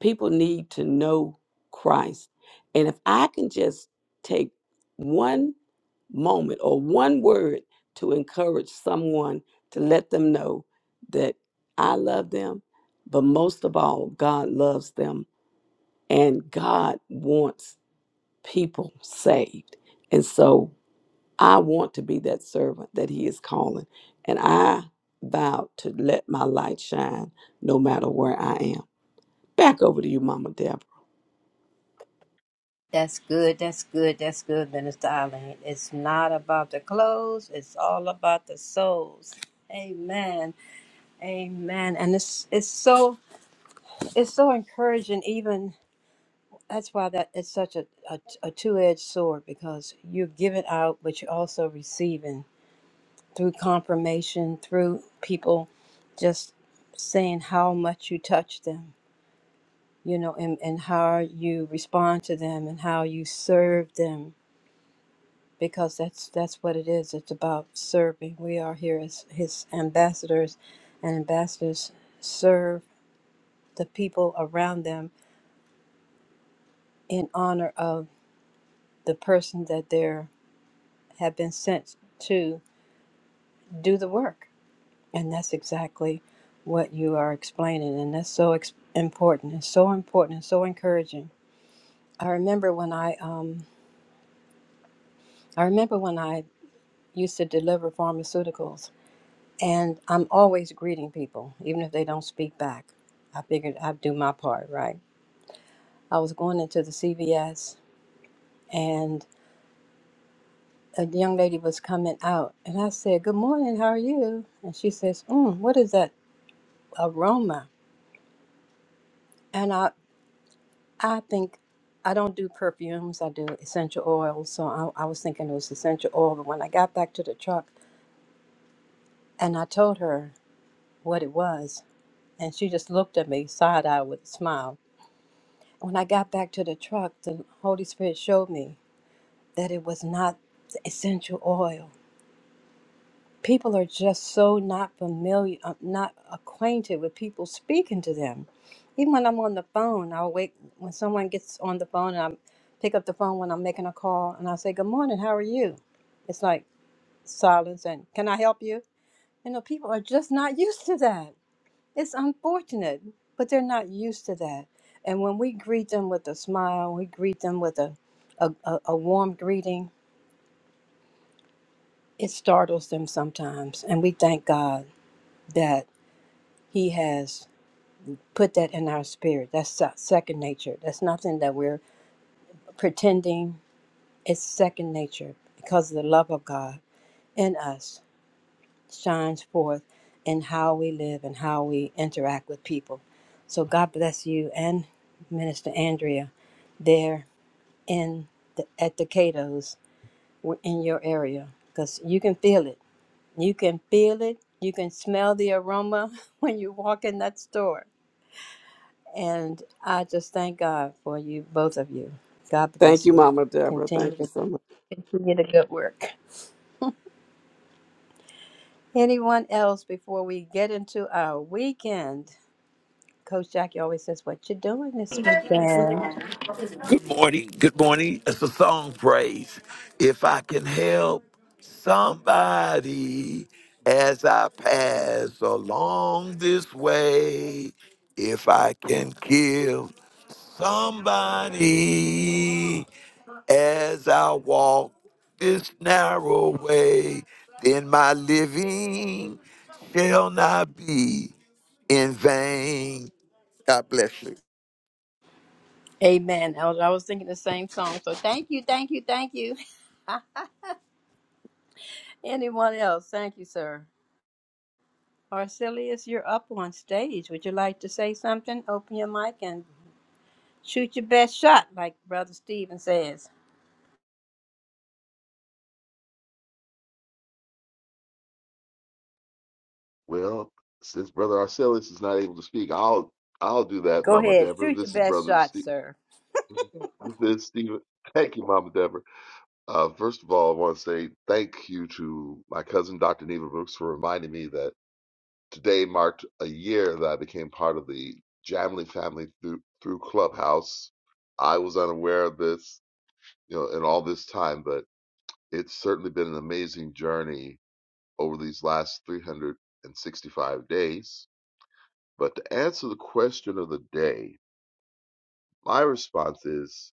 [SPEAKER 2] people need to know Christ. And if I can just take one moment or one word to encourage someone to let them know that I love them, but most of all, God loves them and God wants people saved. And so I want to be that servant that He is calling. And I vow to let my light shine no matter where I am. Back over to you, Mama Deborah.
[SPEAKER 6] That's good. That's good. That's good, Minister Eileen. It's not about the clothes. It's all about the souls. Amen. Amen. And it's it's so it's so encouraging. Even that's why that it's such a a, a two edged sword because you're giving out, but you're also receiving through confirmation, through people just saying how much you touch them, you know, and and how you respond to them, and how you serve them because that's that's what it is. It's about serving. We are here as his ambassadors, and ambassadors serve the people around them in honor of the person that they are have been sent to do the work. And that's exactly what you are explaining, and that's so ex- important, and so important, and so encouraging. I remember when I um, I remember when I used to deliver pharmaceuticals And I'm always greeting people, even if they don't speak back. I figured I'd do my part, right? I was going into the CVS and a young lady was coming out and I said, Good morning, how are you? And she says, mm, What is that aroma? And I, I think I don't do perfumes, I do essential oils. So I, I was thinking it was essential oil. But when I got back to the truck and I told her what it was, and she just looked at me side eye with a smile. When I got back to the truck, the Holy Spirit showed me that it was not the essential oil. People are just so not familiar, uh, not acquainted with people speaking to them. Even when I'm on the phone, I'll wait when someone gets on the phone and I pick up the phone when I'm making a call and I say, Good morning, how are you? It's like silence and can I help you? You know, people are just not used to that. It's unfortunate, but they're not used to that. And when we greet them with a smile, we greet them with a, a, a, a warm greeting, it startles them sometimes. And we thank God that He has put that in our spirit. That's se- second nature. That's nothing that we're pretending. It's second nature because the love of God in us shines forth in how we live and how we interact with people. So God bless you and Minister Andrea there in the, at the Cato's were in your area because you can feel it. You can feel it. You can smell the aroma when you walk in that store. And I just thank God for you, both of you. God
[SPEAKER 2] Thank
[SPEAKER 6] bless
[SPEAKER 2] you,
[SPEAKER 6] you.
[SPEAKER 2] Mama Deborah.
[SPEAKER 6] Continue
[SPEAKER 2] Thank you
[SPEAKER 6] to
[SPEAKER 2] so much.
[SPEAKER 6] continue the good work. Anyone else before we get into our weekend? Coach Jackie always says, "What you doing this weekend?"
[SPEAKER 7] Good morning. Good morning. It's a song praise. If I can help somebody as I pass along this way, if I can give somebody as I walk this narrow way, then my living shall not be in vain. God bless you.
[SPEAKER 6] Amen. I was, I was thinking the same song. So thank you, thank you, thank you. Anyone else? Thank you, sir. Arcelius, you're up on stage. Would you like to say something? Open your mic and shoot your best shot, like Brother Stephen says.
[SPEAKER 8] Well, since Brother Arcellus is not able to speak, I'll I'll do that,
[SPEAKER 6] Go
[SPEAKER 8] Mama
[SPEAKER 6] ahead,
[SPEAKER 8] Deborah.
[SPEAKER 6] shoot your
[SPEAKER 8] This is
[SPEAKER 6] best
[SPEAKER 8] Brother
[SPEAKER 6] shot,
[SPEAKER 8] Steve.
[SPEAKER 6] sir.
[SPEAKER 8] This is Stephen. Thank you, Mama Deborah. Uh, first of all, I want to say thank you to my cousin, Dr. Neva Brooks, for reminding me that today marked a year that I became part of the Jamley family through through Clubhouse. I was unaware of this, you know, in all this time, but it's certainly been an amazing journey over these last 365 days But to answer the question of the day, my response is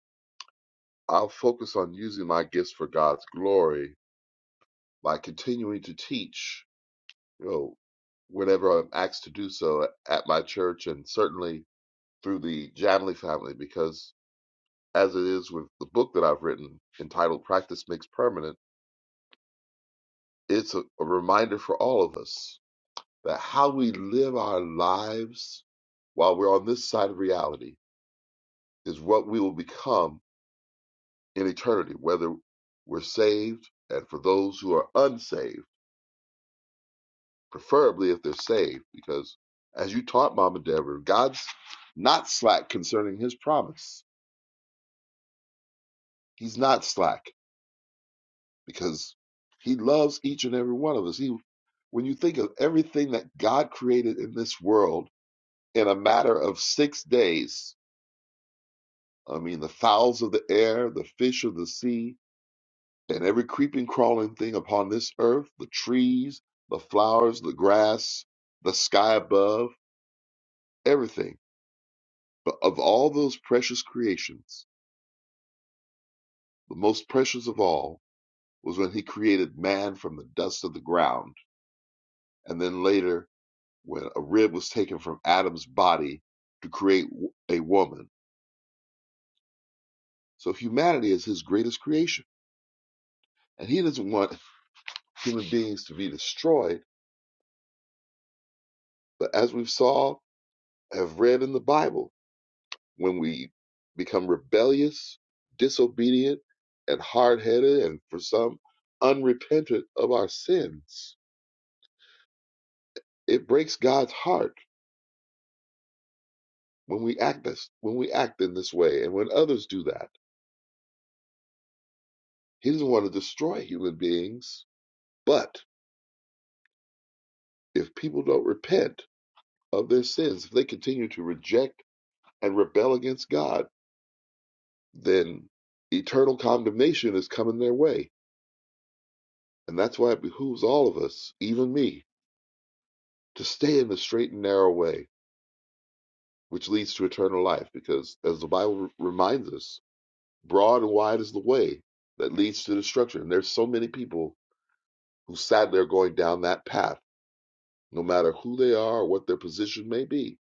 [SPEAKER 8] I'll focus on using my gifts for God's glory by continuing to teach, you know, whenever I'm asked to do so at my church and certainly through the Janley family, because as it is with the book that I've written entitled Practice Makes Permanent, it's a, a reminder for all of us that how we live our lives while we're on this side of reality is what we will become in eternity, whether we're saved and for those who are unsaved, preferably if they're saved, because as you taught Mama Deborah, God's not slack concerning his promise. He's not slack because he loves each and every one of us. He, when you think of everything that God created in this world in a matter of six days, I mean, the fowls of the air, the fish of the sea, and every creeping, crawling thing upon this earth the trees, the flowers, the grass, the sky above, everything. But of all those precious creations, the most precious of all was when he created man from the dust of the ground. And then later, when a rib was taken from Adam's body to create w- a woman. So humanity is his greatest creation. And he doesn't want human beings to be destroyed. But as we saw, have read in the Bible, when we become rebellious, disobedient, and hard headed, and for some, unrepentant of our sins. It breaks God's heart when we act this when we act in this way and when others do that. He doesn't want to destroy human beings, but if people don't repent of their sins, if they continue to reject and rebel against God, then eternal condemnation is coming their way. And that's why it behooves all of us, even me, to stay in the straight and narrow way which leads to eternal life. Because as the Bible r- reminds us, broad and wide is the way that leads to destruction. And there's so many people who sadly are going down that path, no matter who they are or what their position may be.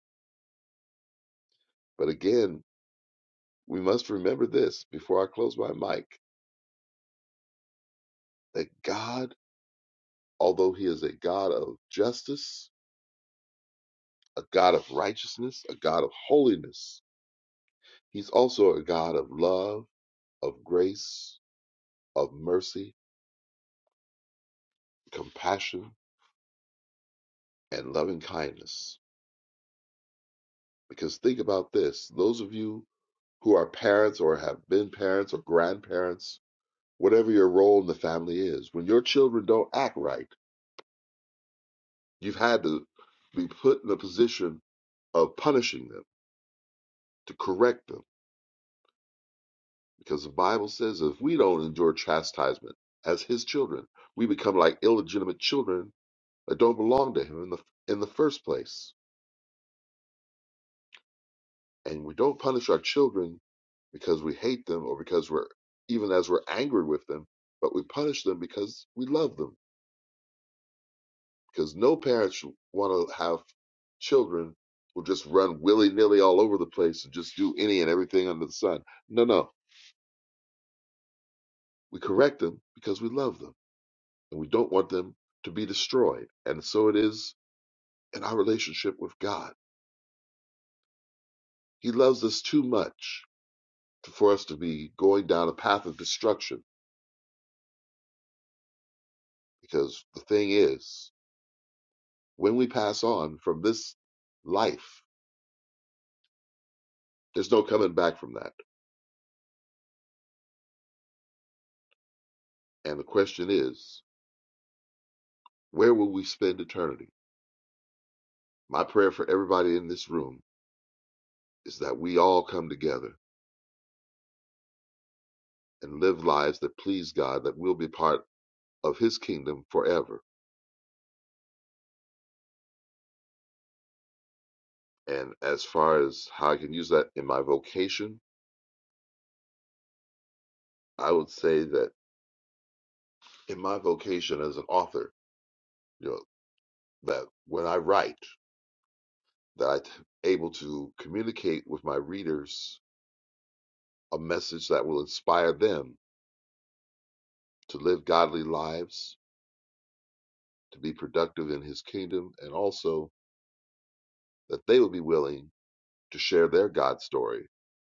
[SPEAKER 8] But again, we must remember this before I close my mic that God, although He is a God of justice, a God of righteousness, a God of holiness, He's also a God of love, of grace, of mercy, compassion, and loving kindness Because think about this those of you who are parents or have been parents or grandparents, whatever your role in the family is, when your children don't act right, you've had to be put in a position of punishing them, to correct them. Because the Bible says if we don't endure chastisement as his children, we become like illegitimate children that don't belong to him in the, in the first place. And we don't punish our children because we hate them or because we're even as we're angry with them, but we punish them because we love them. Because no parents want to have children who just run willy nilly all over the place and just do any and everything under the sun. No, no. We correct them because we love them and we don't want them to be destroyed. And so it is in our relationship with God. He loves us too much to- for us to be going down a path of destruction because the thing is, When we pass on from this life, there's no coming back from that. And the question is, where will we spend eternity? My prayer for everybody in this room is that we all come together and live lives that please God, that we'll be part of His kingdom forever. And as far as how I can use that in my vocation, I would say that in my vocation as an author, you know, that when I write, that I'm able to communicate with my readers a message that will inspire them to live godly lives, to be productive in his kingdom, and also that they would be willing to share their God story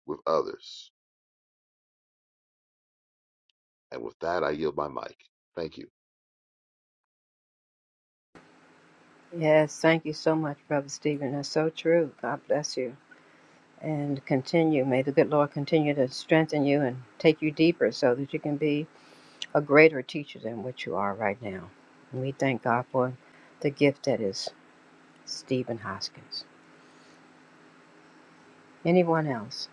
[SPEAKER 8] with others. And with that, I yield my mic. Thank you.
[SPEAKER 6] Yes, thank you so much, Brother Stephen. That's so true. God bless you. And continue. May the good Lord continue to strengthen you and take you deeper so that you can be a greater teacher than what you are right now. And we thank God for the gift that is Stephen Hoskins. Anyone else?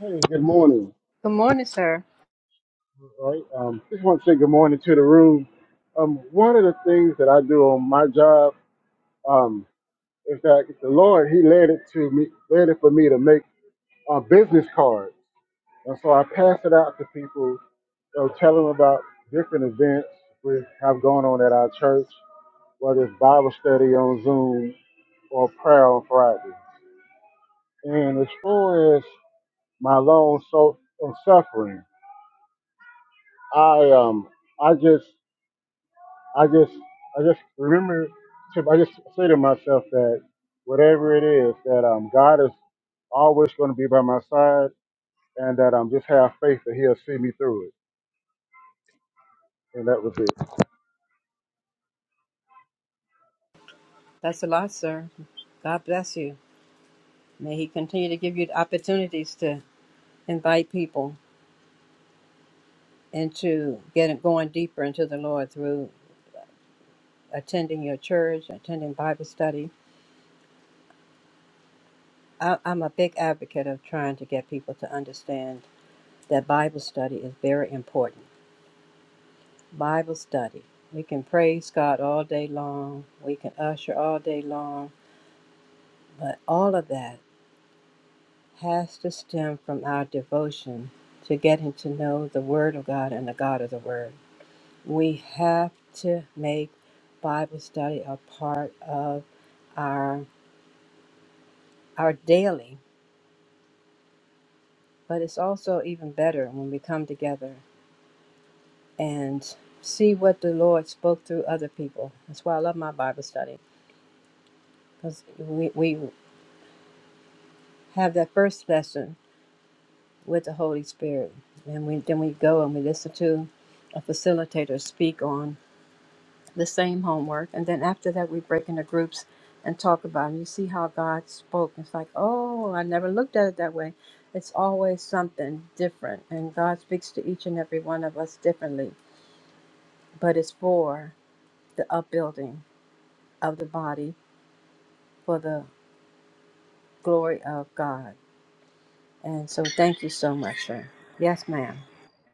[SPEAKER 9] Hey, good morning.
[SPEAKER 6] Good morning, sir.
[SPEAKER 9] All right. Um, just want to say good morning to the room. Um, one of the things that I do on my job um, is that the Lord He led it to me, led it for me to make a business card, and so I pass it out to people. So tell them about different events we have going on at our church, whether it's Bible study on Zoom or prayer on Friday. And as far as my long so on suffering, I um I just I just I just remember to I just say to myself that whatever it is that um God is always going to be by my side and that I'm um, just have faith that He'll see me through it and that was it.
[SPEAKER 6] That's a lot, sir. God bless you. May He continue to give you opportunities to invite people and to get going deeper into the Lord through attending your church, attending Bible study. I, I'm a big advocate of trying to get people to understand that Bible study is very important. Bible study. We can praise God all day long. We can usher all day long. But all of that has to stem from our devotion to getting to know the Word of God and the God of the Word. We have to make Bible study a part of our our daily, but it's also even better when we come together and see what the Lord spoke through other people. That's why I love my Bible study because we, we have that first lesson with the Holy Spirit, and we then we go and we listen to a facilitator speak on the same homework, and then after that we break into groups and talk about it. You see how God spoke. It's like, oh, I never looked at it that way. It's always something different, and God speaks to each and every one of us differently. But it's for the upbuilding of the body for the glory of God. And so, thank you so much, sir. Yes, ma'am.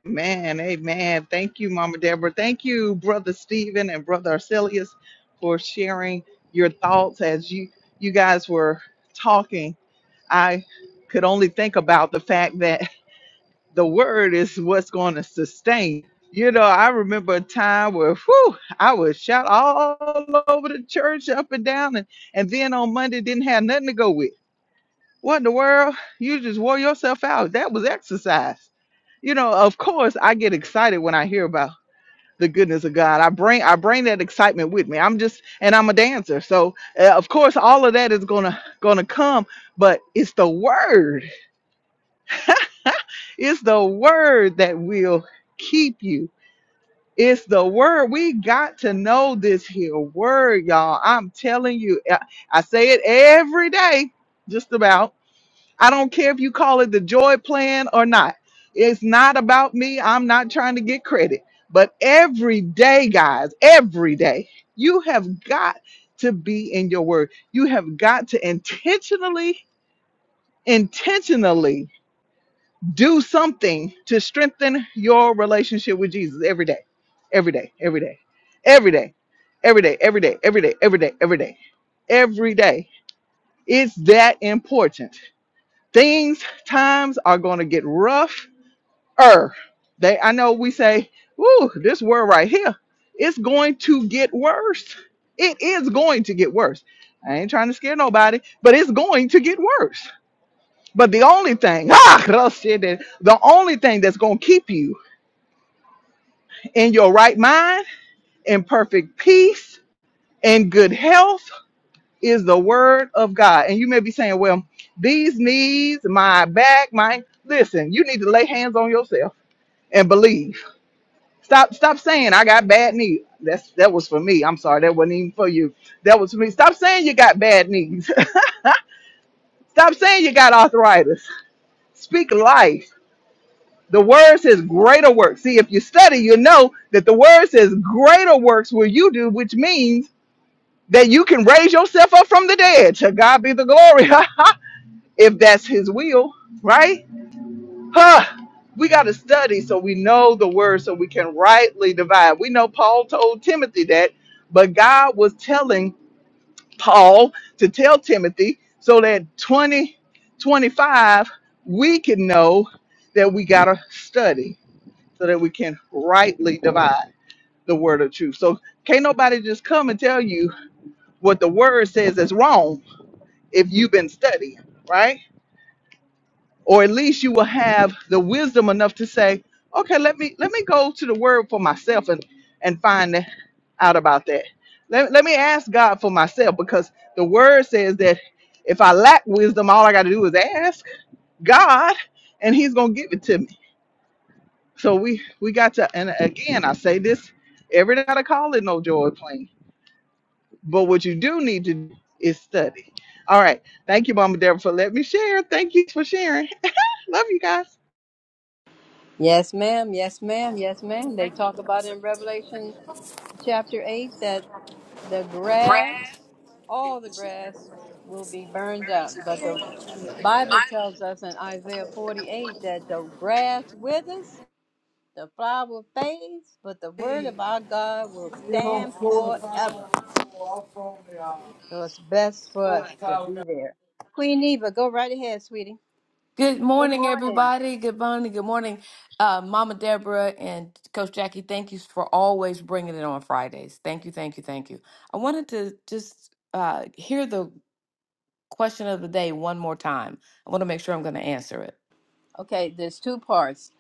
[SPEAKER 1] Man, amen. Thank you, Mama Deborah. Thank you, Brother Stephen and Brother Arcelius, for sharing your thoughts as you you guys were talking. I could only think about the fact that the word is what's going to sustain. You know, I remember a time where whew, I would shout all over the church up and down and, and then on Monday didn't have nothing to go with. What in the world? You just wore yourself out. That was exercise. You know, of course I get excited when I hear about the goodness of God. I bring I bring that excitement with me. I'm just and I'm a dancer. So, uh, of course all of that is going to going to come, but it's the word. It's the word that will keep you. It's the word. We got to know this here word, y'all. I'm telling you. I I say it every day just about I don't care if you call it the joy plan or not. It's not about me. I'm not trying to get credit. But every day, guys, every day, you have got to be in your word. You have got to intentionally, intentionally do something to strengthen your relationship with Jesus every day, every day, every day, every day, every day, every day, every day, every day, every day, every day. It's that important things times are going to get rougher. they i know we say "Ooh, this word right here it's going to get worse it is going to get worse i ain't trying to scare nobody but it's going to get worse but the only thing ah said that, the only thing that's going to keep you in your right mind in perfect peace in good health is the word of god and you may be saying well these knees my back my listen you need to lay hands on yourself and believe. Stop stop saying I got bad knees. That's that was for me. I'm sorry, that wasn't even for you. That was for me. Stop saying you got bad knees. stop saying you got arthritis. Speak life. The word says greater works. See, if you study, you know that the word says greater works will you do, which means that you can raise yourself up from the dead. To God be the glory. if that's his will, right? Huh. We got to study so we know the word so we can rightly divide. We know Paul told Timothy that, but God was telling Paul to tell Timothy so that 20 25 we can know that we got to study so that we can rightly divide the word of truth. So can't nobody just come and tell you what the word says is wrong if you've been studying, right? or at least you will have the wisdom enough to say, okay, let me let me go to the word for myself and and find out about that. Let, let me ask God for myself because the word says that if I lack wisdom, all I got to do is ask God and he's going to give it to me. So we we got to and again, I say this every day I call it no joy plane. But what you do need to do is study. All right. Thank you, Mama Deborah, for letting me share. Thank you for sharing. Love you guys.
[SPEAKER 6] Yes, ma'am. Yes, ma'am. Yes, ma'am. They talk about in Revelation chapter eight that. the grass, all the grass will be burned up. But the Bible tells us in Isaiah 48 that the grass withers, the flower fades, but the word
[SPEAKER 7] You
[SPEAKER 6] of our God will
[SPEAKER 7] know,
[SPEAKER 6] stand
[SPEAKER 7] four to Florida,
[SPEAKER 6] forever.
[SPEAKER 7] I'm from the, uh,
[SPEAKER 6] So it's best for
[SPEAKER 7] four
[SPEAKER 6] us
[SPEAKER 7] to
[SPEAKER 6] to
[SPEAKER 7] five.
[SPEAKER 6] be there. Queen Eva, go right ahead, sweetie.
[SPEAKER 10] Good
[SPEAKER 6] Good
[SPEAKER 10] morning,
[SPEAKER 6] morning.
[SPEAKER 10] everybody. Good morning. Good morning, uh, Mama Deborah and Coach Jackie. Thank you for always bringing it on Fridays. Thank you, thank you, thank you. I wanted to just uh, hear the question of the day one more time. I want to make sure I'm going to answer it.
[SPEAKER 6] Okay, there's two parts.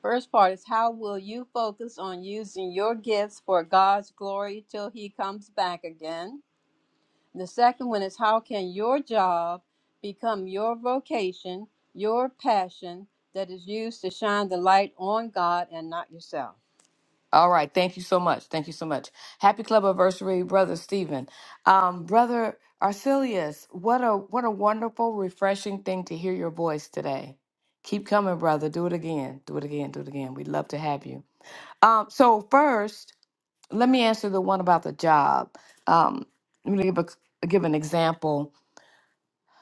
[SPEAKER 6] First part is how will you focus on using your gifts for God's glory till he comes back again? The second one is how can your job become your vocation, your passion that is used to shine the light on God and not yourself?
[SPEAKER 10] All right. Thank you so much. Thank you so much. Happy club anniversary, brother Stephen, um, brother Arcelius. What a what a wonderful, refreshing thing to hear your voice today. Keep coming, brother. Do it again. Do it again. Do it again. We'd love to have you. Um, so first, let me answer the one about the job. Um, let me give a, give an example.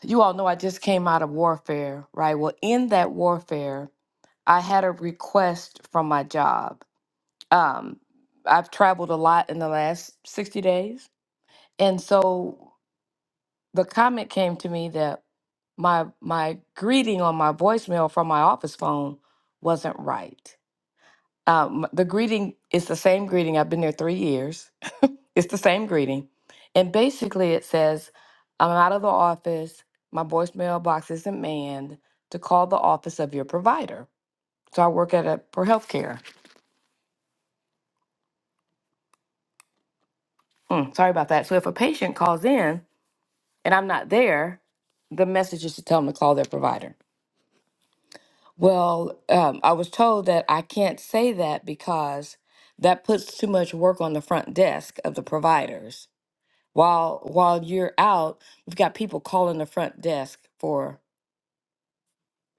[SPEAKER 10] You all know I just came out of warfare, right? Well, in that warfare, I had a request from my job. Um, I've traveled a lot in the last 60 days. And so the comment came to me that my my greeting on my voicemail from my office phone wasn't right. Um, the greeting is the same greeting. I've been there three years It's the same greeting. And basically, it says, I'm out of the office. My voicemail box isn't manned to call the office of your provider. So I work at a for healthcare. Mm, sorry about that. So if a patient calls in and I'm not there, the message is to tell them to call their provider. Well, um, I was told that I can't say that because that puts too much work on the front desk of the providers. While while you're out, we've got people calling the front desk for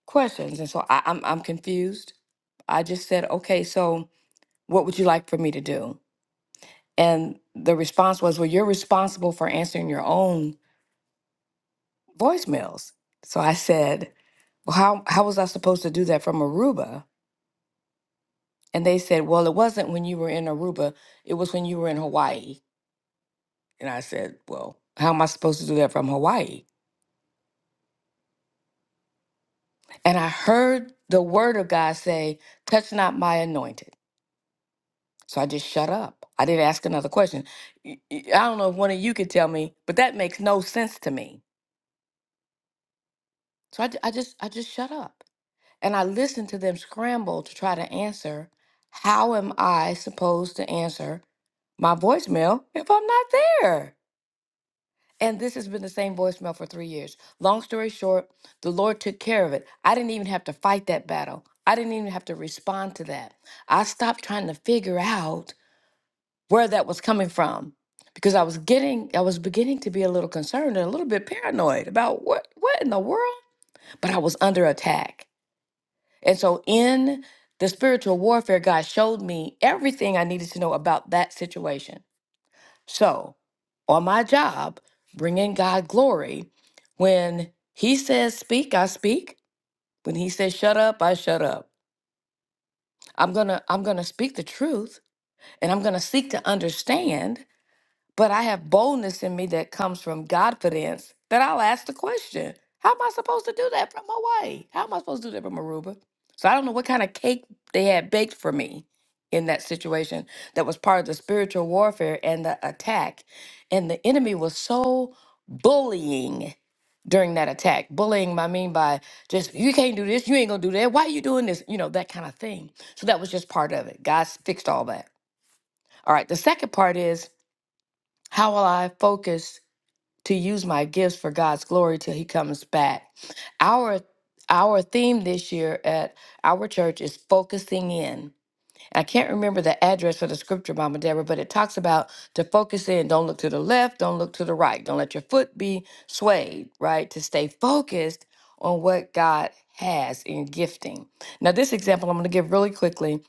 [SPEAKER 10] questions. And so I, I'm I'm confused. I just said, okay, so what would you like for me to do? And the response was, well, you're responsible for answering your own voicemails. So I said, well, how, how was I supposed to do that from Aruba? And they said, well, it wasn't when you were in Aruba, it was when you were in Hawaii. And I said, well, how am I supposed to do that from Hawaii? And I heard the word of God say, touch not my anointed. So I just shut up. I didn't ask another question. Y- y- I don't know if one of you could tell me, but that makes no sense to me. So I, ju- I just I just shut up. And I listened to them scramble to try to answer. How am I supposed to answer my voicemail if I'm not there? And this has been the same voicemail for three years. Long story short, the Lord took care of it. I didn't even have to fight that battle. I didn't even have to respond to that. I stopped trying to figure out where that was coming from because I was getting I was beginning to be a little concerned and a little bit paranoid about what what in the world but I was under attack. And so in the spiritual warfare God showed me everything I needed to know about that situation. So, on my job, bringing God glory when he says speak, I speak. When he says shut up, I shut up. I'm going to I'm going to speak the truth and I'm going to seek to understand But I have boldness in me that comes from Godfidence that I'll ask the question How am I supposed to do that from Hawaii? How am I supposed to do that from Aruba? So I don't know what kind of cake they had baked for me in that situation that was part of the spiritual warfare and the attack. And the enemy was so bullying during that attack. Bullying, I mean, by just, you can't do this, you ain't gonna do that, why are you doing this? You know, that kind of thing. So that was just part of it. God fixed all that. All right, the second part is how will I focus to use my gifts for God's glory till He comes back? Our our theme this year at our church is focusing in. I can't remember the address for the scripture, Mama Deborah, but it talks about to focus in. Don't look to the left. Don't look to the right. Don't let your foot be swayed. Right to stay focused on what God has in gifting. Now, this example I'm going to give really quickly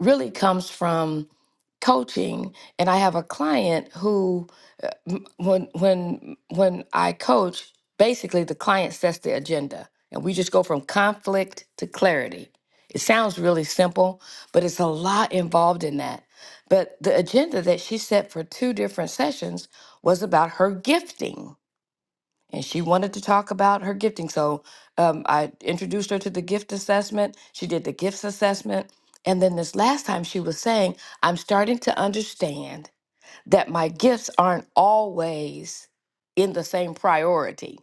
[SPEAKER 10] really comes from coaching and I have a client who uh, m- when when when I coach basically the client sets the agenda and we just go from conflict to clarity. It sounds really simple, but it's a lot involved in that. But the agenda that she set for two different sessions was about her gifting and she wanted to talk about her gifting. So um, I introduced her to the gift assessment. She did the gifts assessment. And then this last time she was saying, I'm starting to understand that my gifts aren't always in the same priority.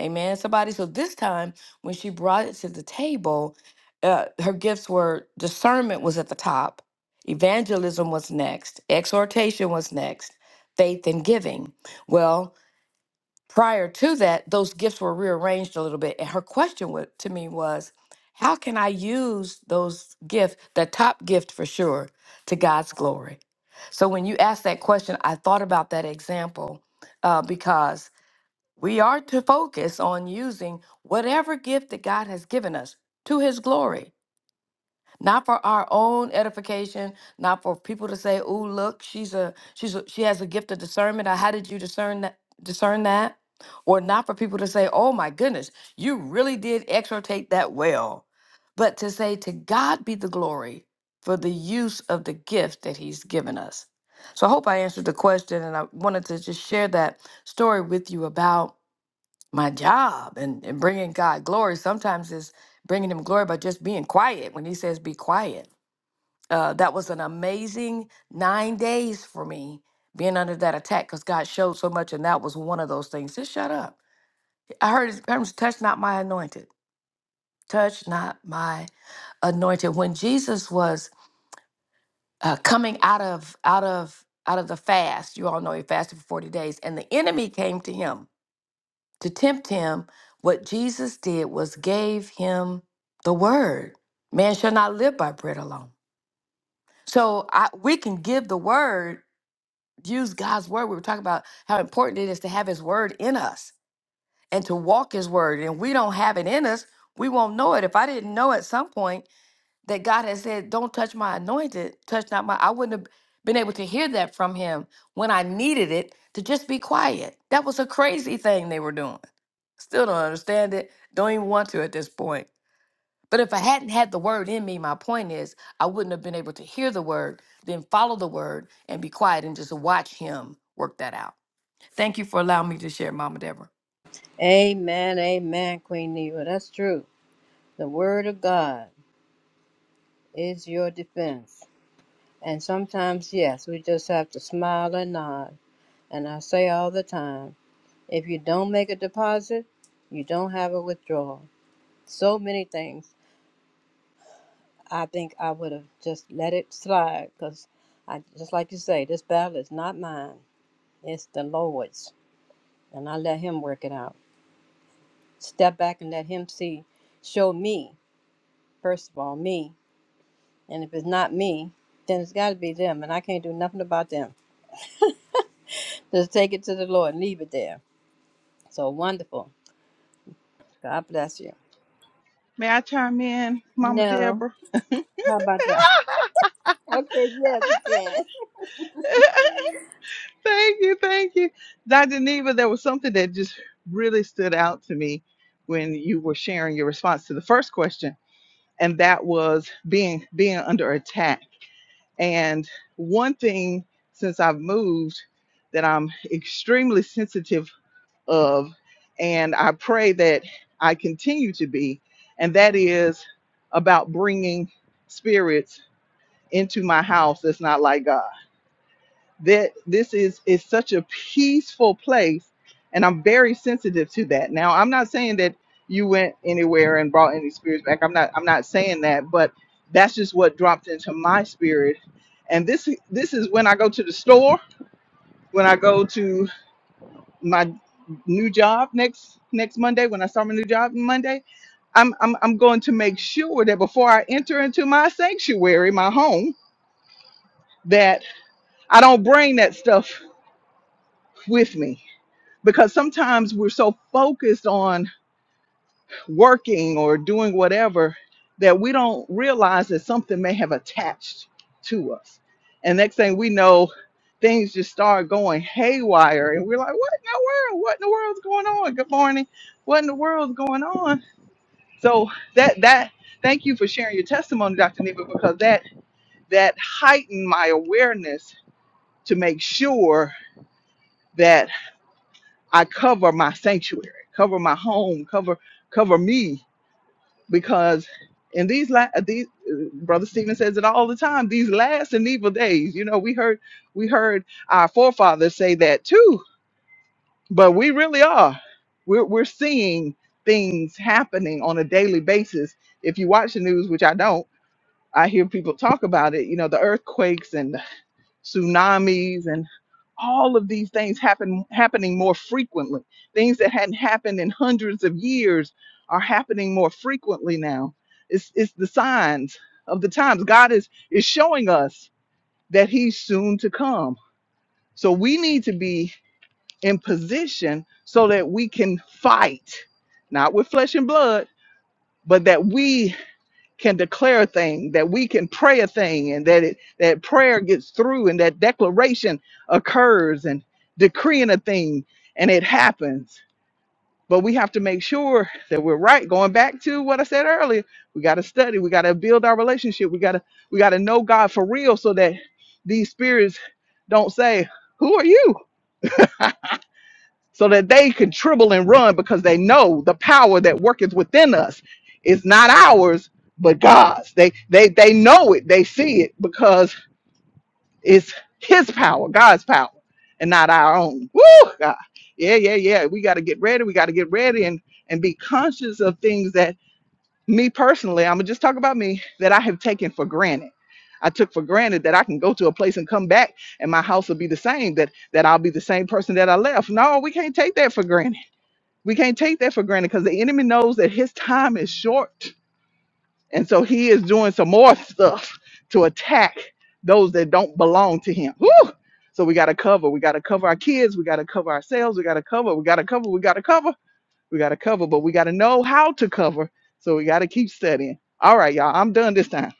[SPEAKER 10] Amen, somebody. So this time when she brought it to the table, uh, her gifts were discernment was at the top, evangelism was next, exhortation was next, faith and giving. Well, prior to that, those gifts were rearranged a little bit. And her question wa- to me was, how can I use those gifts, the top gift for sure, to God's glory? So when you asked that question, I thought about that example uh, because we are to focus on using whatever gift that God has given us to his glory not for our own edification, not for people to say, "Oh, look, she's a she's a, she has a gift of discernment." Or, How did you discern that? Discern that, or not for people to say, "Oh my goodness, you really did exhortate that well," but to say, "To God be the glory for the use of the gift that He's given us." So I hope I answered the question, and I wanted to just share that story with you about my job and, and bringing God glory. Sometimes is bringing Him glory by just being quiet when He says, be quiet. Uh, that was an amazing nine days for me being under that attack because God showed so much, and that was one of those things. Just shut up. I heard His terms, touch not my anointed. Touch not my anointed. When Jesus was uh, coming out of out of out of the fast, you all know he fasted for forty days, and the enemy came to him to tempt him, what Jesus did was gave him the word. Man shall not live by bread alone. So I, we can give the word, use God's word. We were talking about how important it is to have his word in us and to walk his word. And we don't have it in us, we won't know it. If I didn't know at some point that God had said, Don't touch my anointed, touch not my, I wouldn't have been able to hear that from him when I needed it to just be quiet. That was a crazy thing they were doing. Still don't understand it. Don't even want to at this point. But if I hadn't had the word in me, my point is I wouldn't have been able to hear the word, then follow the word and be quiet and just watch him work that out. Thank you for allowing me to share, Mama Deborah.
[SPEAKER 6] Amen, amen, Queen Neva. That's true. The Word of God is your defense. And sometimes, yes, we just have to smile and nod. And I say all the time if you don't make a deposit, you don't have a withdrawal. So many things I think I would have just let it slide because I just like you say, this battle is not mine. It's the Lord's. And I let him work it out. Step back and let him see, show me, first of all, me. And if it's not me, then it's gotta be them and I can't do nothing about them. Just take it to the Lord and leave it there. So wonderful. God bless you.
[SPEAKER 1] May I chime in, Mama
[SPEAKER 6] No.
[SPEAKER 1] Deborah?
[SPEAKER 6] How about that? Okay, yes you can.
[SPEAKER 1] thank you, thank you. Dr. Neva, there was something that just really stood out to me when you were sharing your response to the first question, and that was being being under attack. And one thing since I've moved that I'm extremely sensitive of, and I pray that I continue to be, and that is about bringing spirits into my house that's not like God. That this is is such a peaceful place, and I'm very sensitive to that. Now, I'm not saying that you went anywhere and brought any spirits back. I'm not I'm not saying that, but that's just what dropped into my spirit. And this this is when I go to the store, when I go to my new job next next Monday, when I start my new job Monday, I'm, I'm, I'm going to make sure that before I enter into my sanctuary, my home, I don't bring that stuff with me because sometimes we're so focused on working or doing whatever that we don't realize that something may have attached to us. And next thing we know, things just start going haywire and we're like, what in the world? What in the world's going on? Good morning. What in the world's going on? So that that thank you for sharing your testimony, Dr. Neva, because that that heightened my awareness to make sure that. I cover my sanctuary, cover my home, cover cover me because in these la- uh, these uh, brother Stephen says it all the time. These last and evil days, you know, we heard we heard our forefathers say that too, but we really are. We're we're seeing things happening on a daily basis. If you watch the news, which I don't, I hear people talk about it. You know, the earthquakes and tsunamis and all of these things happen happening more frequently. Things that hadn't happened in hundreds of years are happening more frequently now. It's it's the signs of the times. God is is showing us that he's soon to come. So we need to be in position so that we can fight, not with flesh and blood, but that we can declare a thing, that we can pray a thing, and that it that prayer gets through, and that declaration occurs, and decreeing a thing, and it happens. But we have to make sure that we're right. Going back to what I said earlier, we got to study, we got to build our relationship, we got to we got to know God for real, so that these spirits don't say, "Who are you?" so that they can tremble and run because they know the power that worketh within us is not ours but God's. They they they know it, they see it because it's his power, God's power, and not our own. Woo God. Yeah, yeah, yeah. We gotta get ready. We gotta get ready and and be conscious of things that me personally, I'm gonna just talk about me, that I have taken for granted. I took for granted that I can go to a place and come back and my house will be the same, that that I'll be the same person that I left. No, we can't take that for granted we can't take that for granted because the enemy knows that his time is short. And so he is doing some more stuff to attack those that don't belong to him. Woo! So we got to cover. We got to cover our kids. We got to cover ourselves. We got to cover. We got to cover. We got to cover. We got to cover. But we got to know how to cover. So we got to keep studying. All right, y'all. I'm done this time.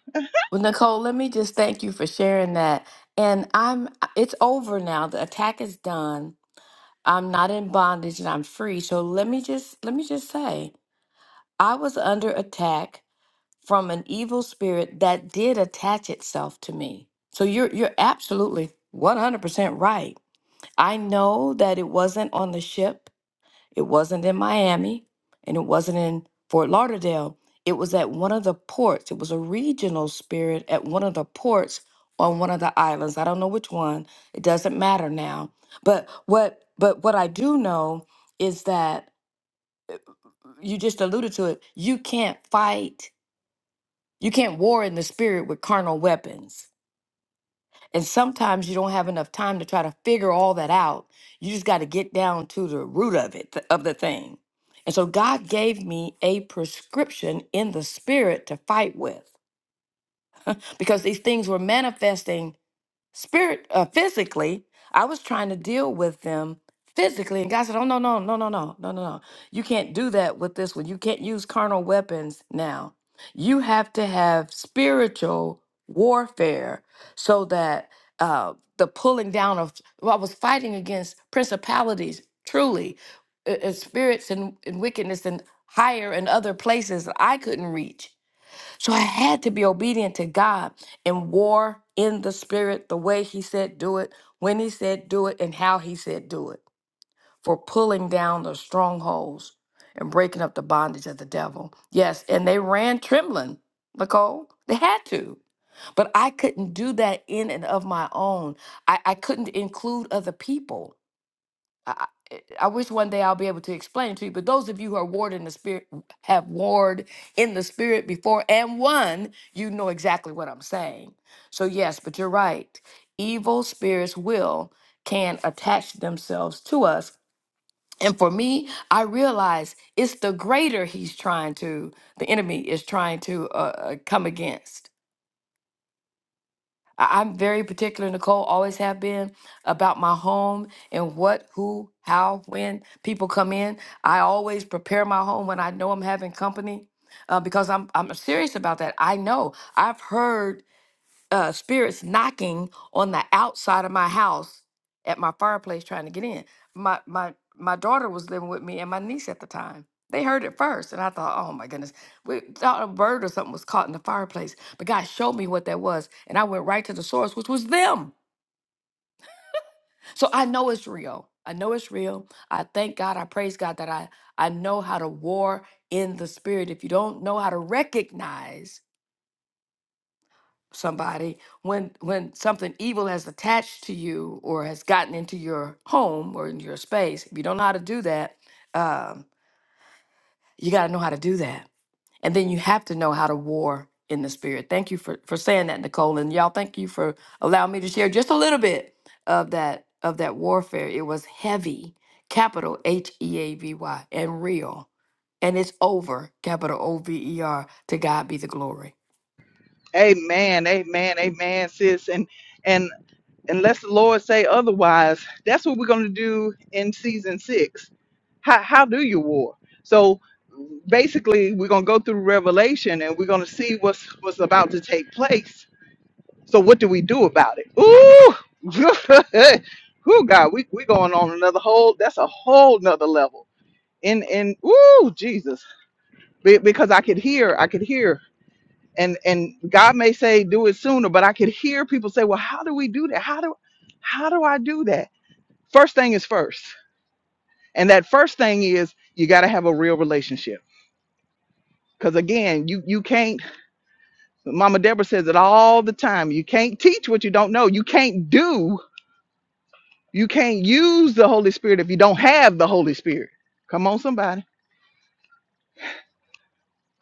[SPEAKER 10] Well, Nicole, let me just thank you for sharing that. And I'm it's over now. The attack is done. I'm not in bondage and I'm free. So let me just let me just say, I was under attack from an evil spirit that did attach itself to me. So you're you're absolutely 100% right. I know that it wasn't on the ship. It wasn't in Miami and it wasn't in Fort Lauderdale. It was at one of the ports. It was a regional spirit at one of the ports on one of the islands. I don't know which one. It doesn't matter now. But what but what I do know is that you just alluded to it. You can't fight you can't war in the spirit with carnal weapons. And sometimes you don't have enough time to try to figure all that out. You just got to get down to the root of it, th- of the thing. And so God gave me a prescription in the spirit to fight with because these things were manifesting spirit uh, physically i was trying to deal with them physically and god said oh no no no no no no no no you can't do that with this one you can't use carnal weapons now you have to have spiritual warfare so that uh, the pulling down of well, i was fighting against principalities truly uh, uh, spirits and, and wickedness and higher and other places that i couldn't reach so I had to be obedient to God and war in the spirit, the way He said do it, when He said do it, and how He said do it for pulling down the strongholds and breaking up the bondage of the devil. Yes, and they ran trembling, Nicole. They had to. But I couldn't do that in and of my own. I, I couldn't include other people. I wish one day I'll be able to explain it to you. But those of you who are warred in the spirit, have warred in the spirit before and won, you know exactly what I'm saying. So, yes, but you're right. Evil spirits will, can attach themselves to us. And for me, I realize it's the greater he's trying to, the enemy is trying to uh, uh, come against. I- I'm very particular, Nicole, always have been about my home and what, who, how, when people come in. I always prepare my home when I know I'm having company uh, because I'm, I'm serious about that. I know. I've heard uh, spirits knocking on the outside of my house at my fireplace trying to get in. My my my daughter was living with me and my niece at the time. They heard it first, and I thought, "Oh my goodness!" We thought a bird or something was caught in the fireplace, but God showed me what that was, and I went right to the source, which was them. So I know it's real. I know it's real. I thank God. I praise God that I I know how to war in the spirit. If you don't know how to recognize somebody when when something evil has attached to you or has gotten into your home or in your space if you don't know how to do that um, you got to know how to do that and then you have to know how to war in the spirit thank you for for saying that nicole and y'all thank you for allowing me to share just a little bit of that of that warfare it was heavy capital h-e-a-v-y and real and it's over capital o-v-e-r to god be the glory
[SPEAKER 1] Amen. Amen. Amen, sis. And and unless the Lord say otherwise, that's what we're going to do in season six. How, how do you war? So basically, we're going to go through Revelation and we're going to see what's what's about to take place. So what do we do about it? Ooh, ooh, God, we we going on another whole. That's a whole nother level. And and ooh, Jesus, Be- because I could hear, I could hear. And, and God may say do it sooner, but I could hear people say, well, how do we do that? How do how do I do that? First thing is first. And that first thing is you got to have a real relationship. Because again, you, you can't, Mama Deborah says it all the time you can't teach what you don't know. You can't do, you can't use the Holy Spirit if you don't have the Holy Spirit. Come on, somebody.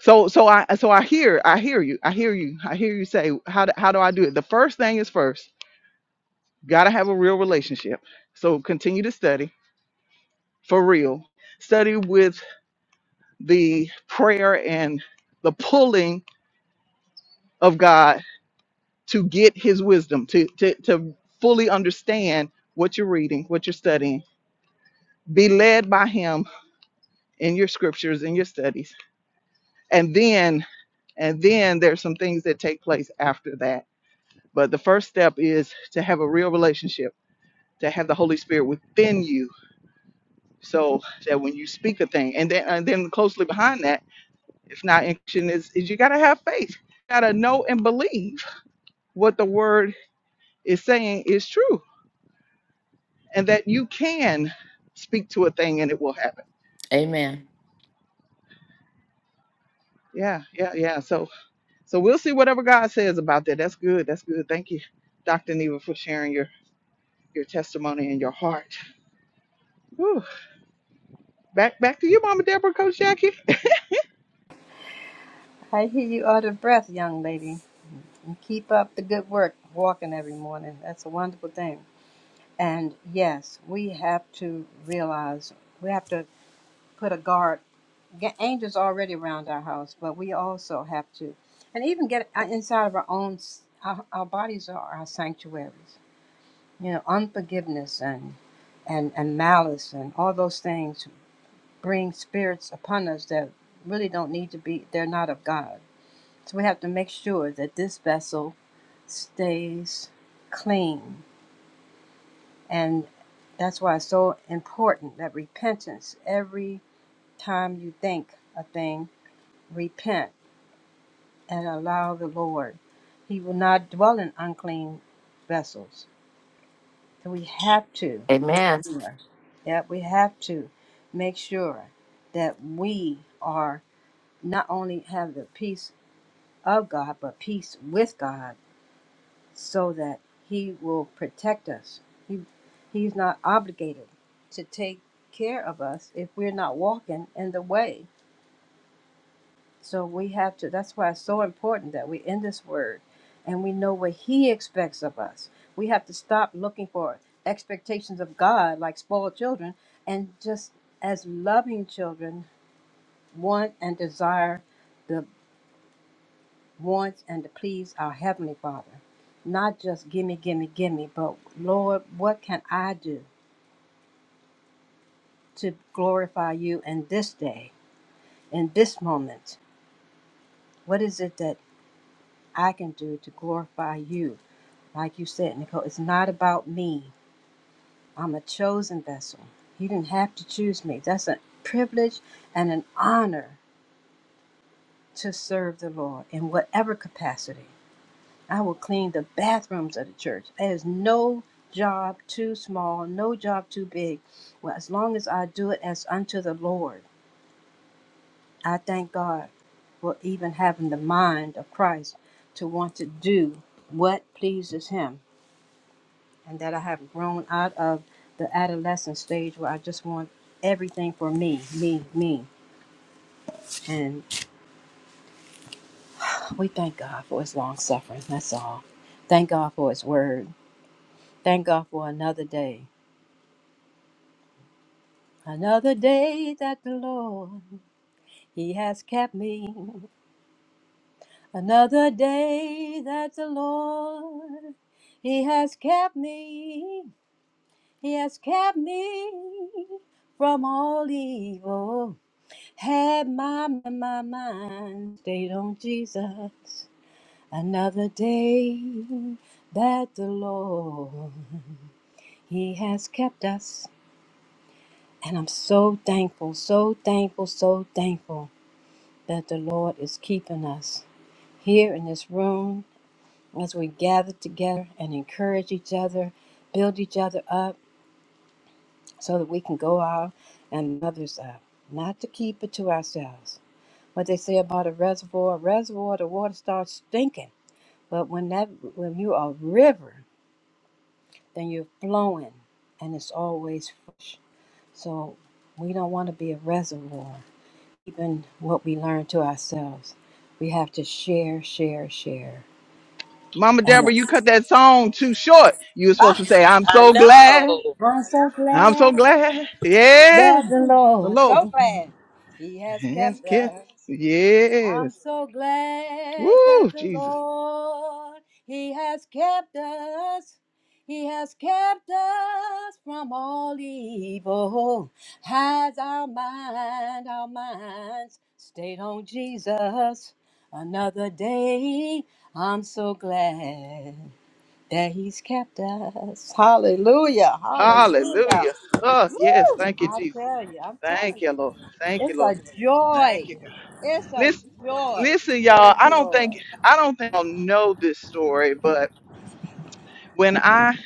[SPEAKER 1] So so I so I hear I hear you I hear you I hear you say how do, how do I do it? The first thing is first got to have a real relationship. So continue to study for real. Study with the prayer and the pulling of God to get his wisdom, to, to, to fully understand what you're reading, what you're studying. Be led by him in your scriptures, in your studies. And then, and then there's some things that take place after that. But the first step is to have a real relationship, to have the Holy Spirit within you so that when you speak a thing, and then, and then closely behind that, if not action is, is you got to have faith, got to know and believe what the word is saying is true and that you can speak to a thing and it will happen.
[SPEAKER 10] amen
[SPEAKER 1] Yeah, yeah, yeah. So so we'll see whatever God says about that. That's good. That's good. Thank you, Dr. Neva, for sharing your your testimony and your heart. Whew. Back back to you, Mama Deborah, Coach Jackie.
[SPEAKER 6] I hear you out of breath, young lady. And keep up the good work, walking every morning. That's a wonderful thing. And yes, we have to realize we have to put a guard. Get angels already around our house, but we also have to, and even get uh, inside of our own. s- Our, our bodies are our sanctuaries. You know, unforgiveness and and and malice and all those things bring spirits upon us that really don't need to be. They're not of God. So we have to make sure that this vessel stays clean. And that's why it's so important that repentance, every time you think a thing, repent and allow the Lord. He will not dwell in unclean vessels. So we have to make
[SPEAKER 10] Amen.
[SPEAKER 6] sure. Yeah, we have to make sure that we are not only have the peace of God, but peace with God so that he will protect us. He he's not obligated to take care of us if we're not walking in the way. So we have to that's why it's so important that we in this word and we know what he expects of us. We have to stop looking for expectations of God like spoiled children and just as loving children want and desire the. wants and to please our Heavenly Father. Not just gimme, gimme, gimme, but Lord, what can I do to glorify you in this day, in this moment? What is it that I can do to glorify you? Like you said, Nicole, it's not about me. I'm a chosen vessel. You didn't have to choose me. That's a privilege and an honor to serve the Lord in whatever capacity. I will clean the bathrooms of the church. There's no job too small, no job too big. Well, as long as I do it as unto the Lord, I thank God for even having the mind of Christ to want to do what pleases Him, and that I have grown out of the adolescent stage where I just want everything for me, me, me. And we thank God for His long suffering. That's all. Thank God for His word. Thank God for another day. Another day that the Lord, He has kept me. Another day that the Lord, He has kept me. He has kept me from all evil. Had my, my mind stayed on Jesus. Another day that the Lord, He has kept us. And I'm so thankful, so thankful, so thankful. that the Lord is keeping us here in this room as we gather together and encourage each other, build each other up so that we can go out and others up, not to keep it to ourselves. What they say about a reservoir, a reservoir, the water starts stinking. But when that when you are a river, then you're flowing and it's always fresh. So we don't want to be a reservoir, even what we learn to ourselves. We have to share, share, share
[SPEAKER 1] Mama
[SPEAKER 6] And
[SPEAKER 1] Deborah, you cut that song too short. You were supposed
[SPEAKER 6] ah,
[SPEAKER 1] to say, I'm
[SPEAKER 5] I
[SPEAKER 1] so glad.
[SPEAKER 5] know.
[SPEAKER 6] I'm so
[SPEAKER 1] I'm so
[SPEAKER 6] glad
[SPEAKER 1] glad. Yeah.
[SPEAKER 6] that the
[SPEAKER 1] The
[SPEAKER 6] Lord, so
[SPEAKER 1] Lord.
[SPEAKER 6] glad He has
[SPEAKER 1] Yes,
[SPEAKER 6] kept
[SPEAKER 1] kiss.
[SPEAKER 6] us. I'm
[SPEAKER 1] Yes.
[SPEAKER 6] so glad
[SPEAKER 1] Woo,
[SPEAKER 6] that the
[SPEAKER 1] Jesus.
[SPEAKER 6] Lord, He has kept us. He has kept us from all evil. Has our mind, our minds stayed on Jesus another day? I'm so glad. that he's kept us. Hallelujah. Hallelujah.
[SPEAKER 1] Hallelujah. Oh, yes.
[SPEAKER 6] Woo!
[SPEAKER 1] Thank you,
[SPEAKER 6] I
[SPEAKER 1] Jesus.
[SPEAKER 6] tell you, I'm
[SPEAKER 1] Thank
[SPEAKER 6] telling
[SPEAKER 1] you,
[SPEAKER 6] you.
[SPEAKER 1] Lord. Thank you,
[SPEAKER 6] It's
[SPEAKER 1] Lord.
[SPEAKER 6] a
[SPEAKER 1] Thank
[SPEAKER 6] joy.
[SPEAKER 1] you.
[SPEAKER 6] It's a
[SPEAKER 1] Listen,
[SPEAKER 6] joy to
[SPEAKER 1] listen, y'all.
[SPEAKER 6] serve the
[SPEAKER 1] I don't
[SPEAKER 6] Lord.
[SPEAKER 1] think I don't think I'll know this story, but when I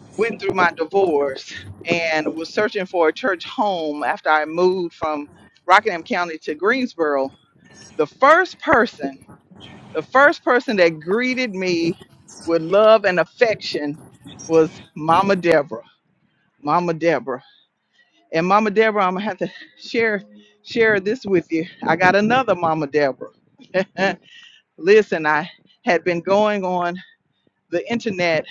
[SPEAKER 1] went through my divorce and was searching for a church home after I moved from Rockingham County to Greensboro, the first person, the first person that greeted me with love and affection was Mama Deborah. Mama Deborah. And Mama Deborah, I'm gonna have to share share this with you. I got another Mama Deborah. Listen, I had been going on the internet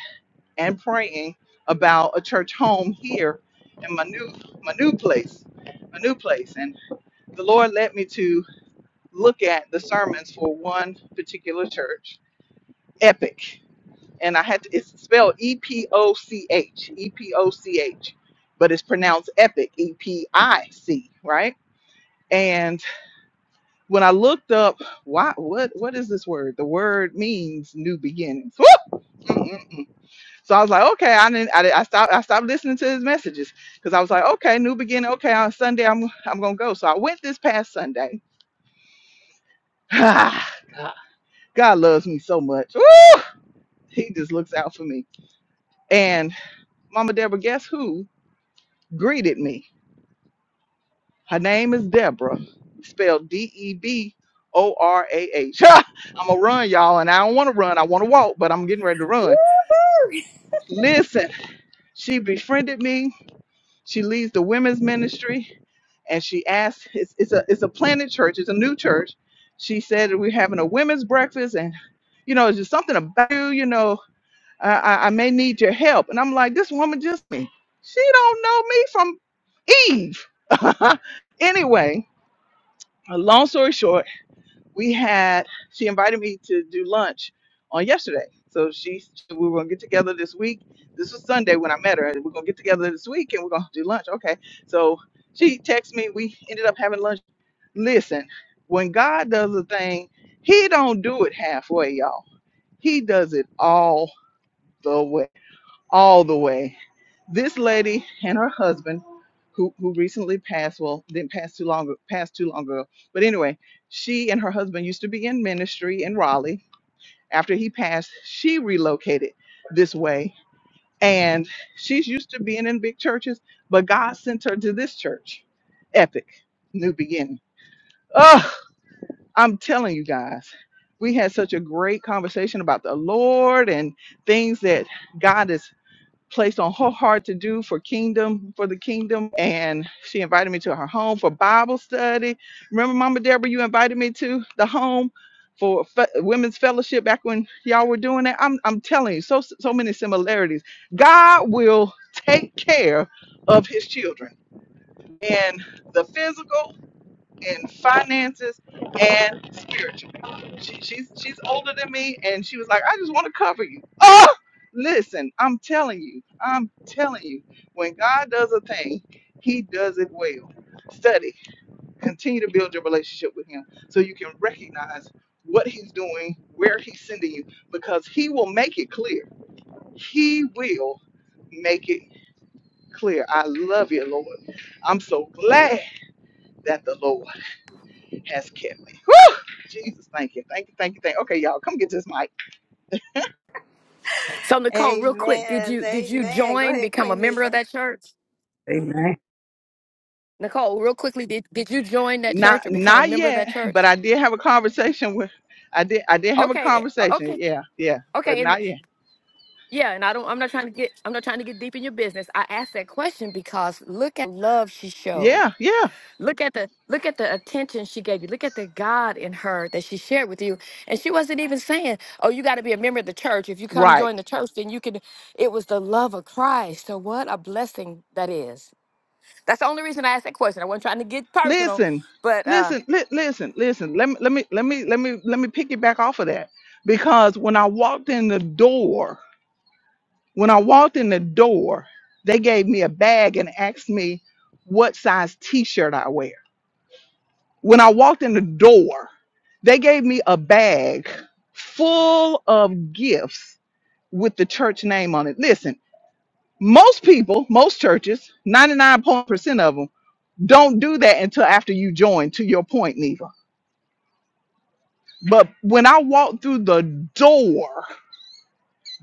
[SPEAKER 1] and praying about a church home here in my new my new place, my new place, and the Lord led me to look at the sermons for one particular church, Epic, and I had to, it's spelled E P O C H, E P O C H, but it's pronounced Epic, E P I C, right? And When I looked up, why, what, what is this word? The word means new beginnings. Woo! Mm-mm-mm. So I was like, okay, I didn't, I, didn't- I stopped, I stopped listening to his messages because I was like, okay, new beginning. Okay, on Sunday, I'm, I'm gonna go. So I went this past Sunday. God loves me so much. Woo! He just looks out for me. And Mama Deborah, guess who greeted me? Her name is Deborah, spelled D-E-B. O R A H. I'm gonna run, y'all, and I don't want to run. I want to walk, but I'm getting ready to run.
[SPEAKER 6] Woo-hoo!
[SPEAKER 1] Listen, she befriended me. She leads the women's ministry, and she asked. It's, it's a it's a planted church. It's a new church. She said we're having a women's breakfast, and you know, it's just something about you. You know, I, I I may need your help. And I'm like, this woman just me. She don't know me from Eve. anyway, a long story short we had she invited me to do lunch on yesterday so she we were gonna get together this week this was sunday when i met her and we're gonna get together this week and we're gonna do lunch okay so she texted me we ended up having lunch listen when god does a thing he don't do it halfway y'all he does it all the way all the way. This lady and her husband, who who recently passed, well, didn't pass too long, passed too long ago. But anyway, she and her husband used to be in ministry in Raleigh. After he passed, she relocated this way, and she's used to being in big churches, but God sent her to this church. Epic, new beginning. Oh, I'm telling you guys. We had such a great conversation about the Lord and things that God is placed on her heart to do for kingdom for the kingdom and she invited me to her home for bible study remember mama deborah you invited me to the home for fe- women's fellowship back when y'all were doing that i'm, I'm telling you so so many similarities god will take care of his children and the physical in finances and spiritually. She, she's she's older than me, and she was like, "I just want to cover you." Oh, listen, I'm telling you, I'm telling you, when God does a thing, He does it well. Study, continue to build your relationship with Him, so you can recognize what He's doing, where He's sending you, because He will make it clear. He will make it clear. I love you, Lord. I'm so glad that the Lord has kept me. Whew! Jesus, thank you, thank you, thank you, thank. you. Okay, y'all, come get this mic.
[SPEAKER 10] So Nicole, real quick, did
[SPEAKER 6] Amen.
[SPEAKER 10] you did you
[SPEAKER 6] Amen. Go
[SPEAKER 10] join,
[SPEAKER 6] ahead,
[SPEAKER 10] become a
[SPEAKER 6] Queen
[SPEAKER 10] member of
[SPEAKER 6] Neva.
[SPEAKER 10] that church?
[SPEAKER 2] Amen.
[SPEAKER 10] Nicole, real quickly, did did you join that
[SPEAKER 1] Not,
[SPEAKER 10] church or become a
[SPEAKER 1] not
[SPEAKER 10] member of
[SPEAKER 1] yet,
[SPEAKER 10] that
[SPEAKER 1] but
[SPEAKER 10] church?
[SPEAKER 1] I did have a conversation with. I did, I did have a
[SPEAKER 10] Okay, eh,
[SPEAKER 1] conversation.
[SPEAKER 10] okay,
[SPEAKER 1] Yeah, yeah, but
[SPEAKER 10] okay, and
[SPEAKER 1] not yet.
[SPEAKER 10] yeah, and I don't. I'm not trying to get. I'm not trying to get deep in your business. I asked that question because look at love she showed.
[SPEAKER 1] Yeah, yeah,
[SPEAKER 10] Look at the look at the attention she gave you. Look at the God in her that she shared with you, and she wasn't even saying, "Oh, you got to be a member of the church. If you come
[SPEAKER 1] right.
[SPEAKER 10] join the church, then you can." It was the love of Christ. So what a blessing that is. That's the only reason I asked that question. I wasn't trying to get personal,
[SPEAKER 1] Listen,
[SPEAKER 10] but uh,
[SPEAKER 1] listen, li- listen, listen. Let me, let me, let me, let me, let me pick it back off of that because when I walked in the door, when I walked in the door, they gave me a bag and asked me what size T-shirt I wear. When I walked in the door, they gave me a bag full of gifts with the church name on it. Listen, most people, most churches, 99% of them, don't do that until after you join, to your point, Neva. But when I walked through the door,